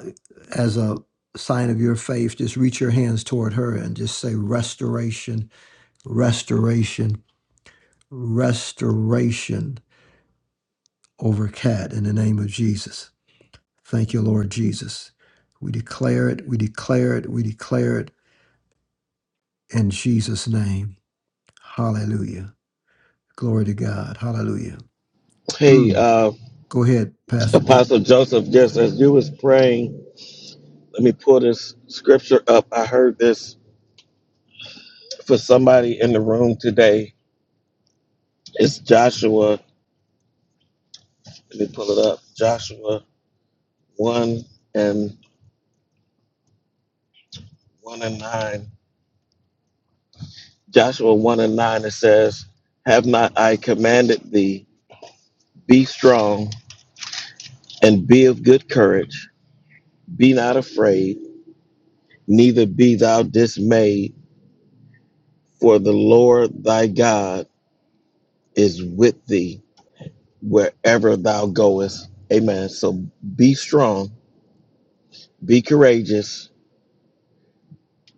S4: as a sign of your faith, just reach your hands toward her and just say restoration, restoration, restoration over Cat in the name of Jesus. Thank you, Lord Jesus. We declare it, we declare it, we declare it in Jesus' name. Hallelujah. Glory to God. Hallelujah.
S5: Hey,
S4: Mm.
S5: uh,
S4: Go ahead, Pastor D.
S5: Apostle Joseph, just as you was praying, let me pull this scripture up. I heard this for somebody in the room today. It's Joshua. Let me pull it up. Joshua one and one and nine. Joshua one and nine. It says, "Have not I commanded thee? Be strong and be of good courage. Be not afraid, neither be thou dismayed, for the Lord thy God." is with thee wherever thou goest. Amen. So be strong, be courageous,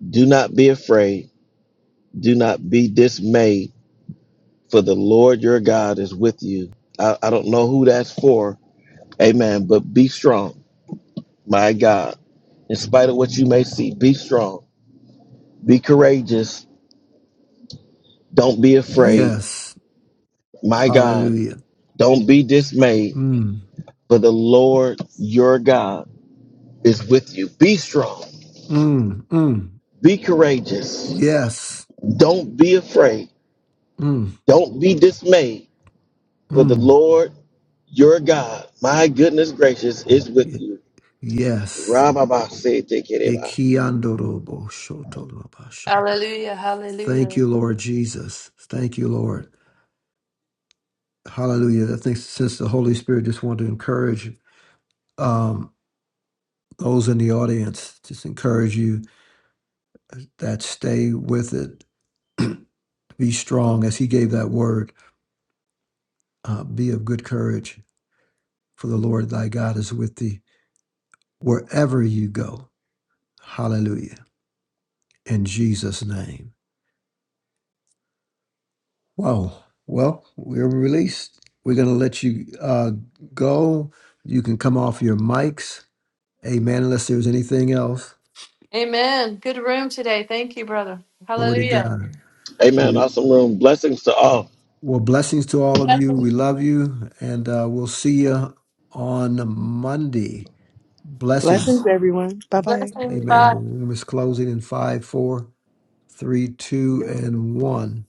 S5: do not be afraid, do not be dismayed, for the Lord your God is with you. I, I don't know who that's for. Amen. But be strong, my God. In spite of what you may see, be strong, be courageous, don't be afraid,
S4: Yes.
S5: my God.
S4: Hallelujah.
S5: Don't be dismayed,
S4: Mm,
S5: for the Lord your God is with you. Be strong,
S4: mm, mm.
S5: be courageous
S4: Yes.
S5: Don't be afraid.
S4: Mm,
S5: Don't be dismayed, for the
S4: mm.
S5: Lord your God, my goodness gracious, is with
S4: Ye-
S5: you.
S4: Yes.
S5: Rababa said, take it,
S4: Ikiandoroboshotorobasha.
S3: Hallelujah.
S4: Thank
S3: Hallelujah.
S4: you, Lord Jesus. Thank you, Lord. Hallelujah. I think since the Holy Spirit just wanted to encourage um, those in the audience, just encourage you that stay with it. Be strong as he gave that word. uh, be of good courage, for the Lord thy God is with thee wherever you go. Hallelujah. In Jesus' name. Wow. Well, we're released. We're going to let you uh, go. You can come off your mics. Amen. Unless there's anything else.
S3: Amen. Good room today. Thank you, brother.
S4: Glory to
S3: Hallelujah.
S4: God.
S5: Amen.
S4: Well,
S5: Awesome room. Blessings to all.
S4: blessings to all of you. We
S3: Blessings,
S4: love you. And uh, we'll see you on Monday.
S2: Blessings,
S4: Blessings.
S2: everyone. Bye bye.
S3: blessings,
S4: Amen.
S3: by
S4: The room is closing in five, four three, two,
S3: you.
S4: and one.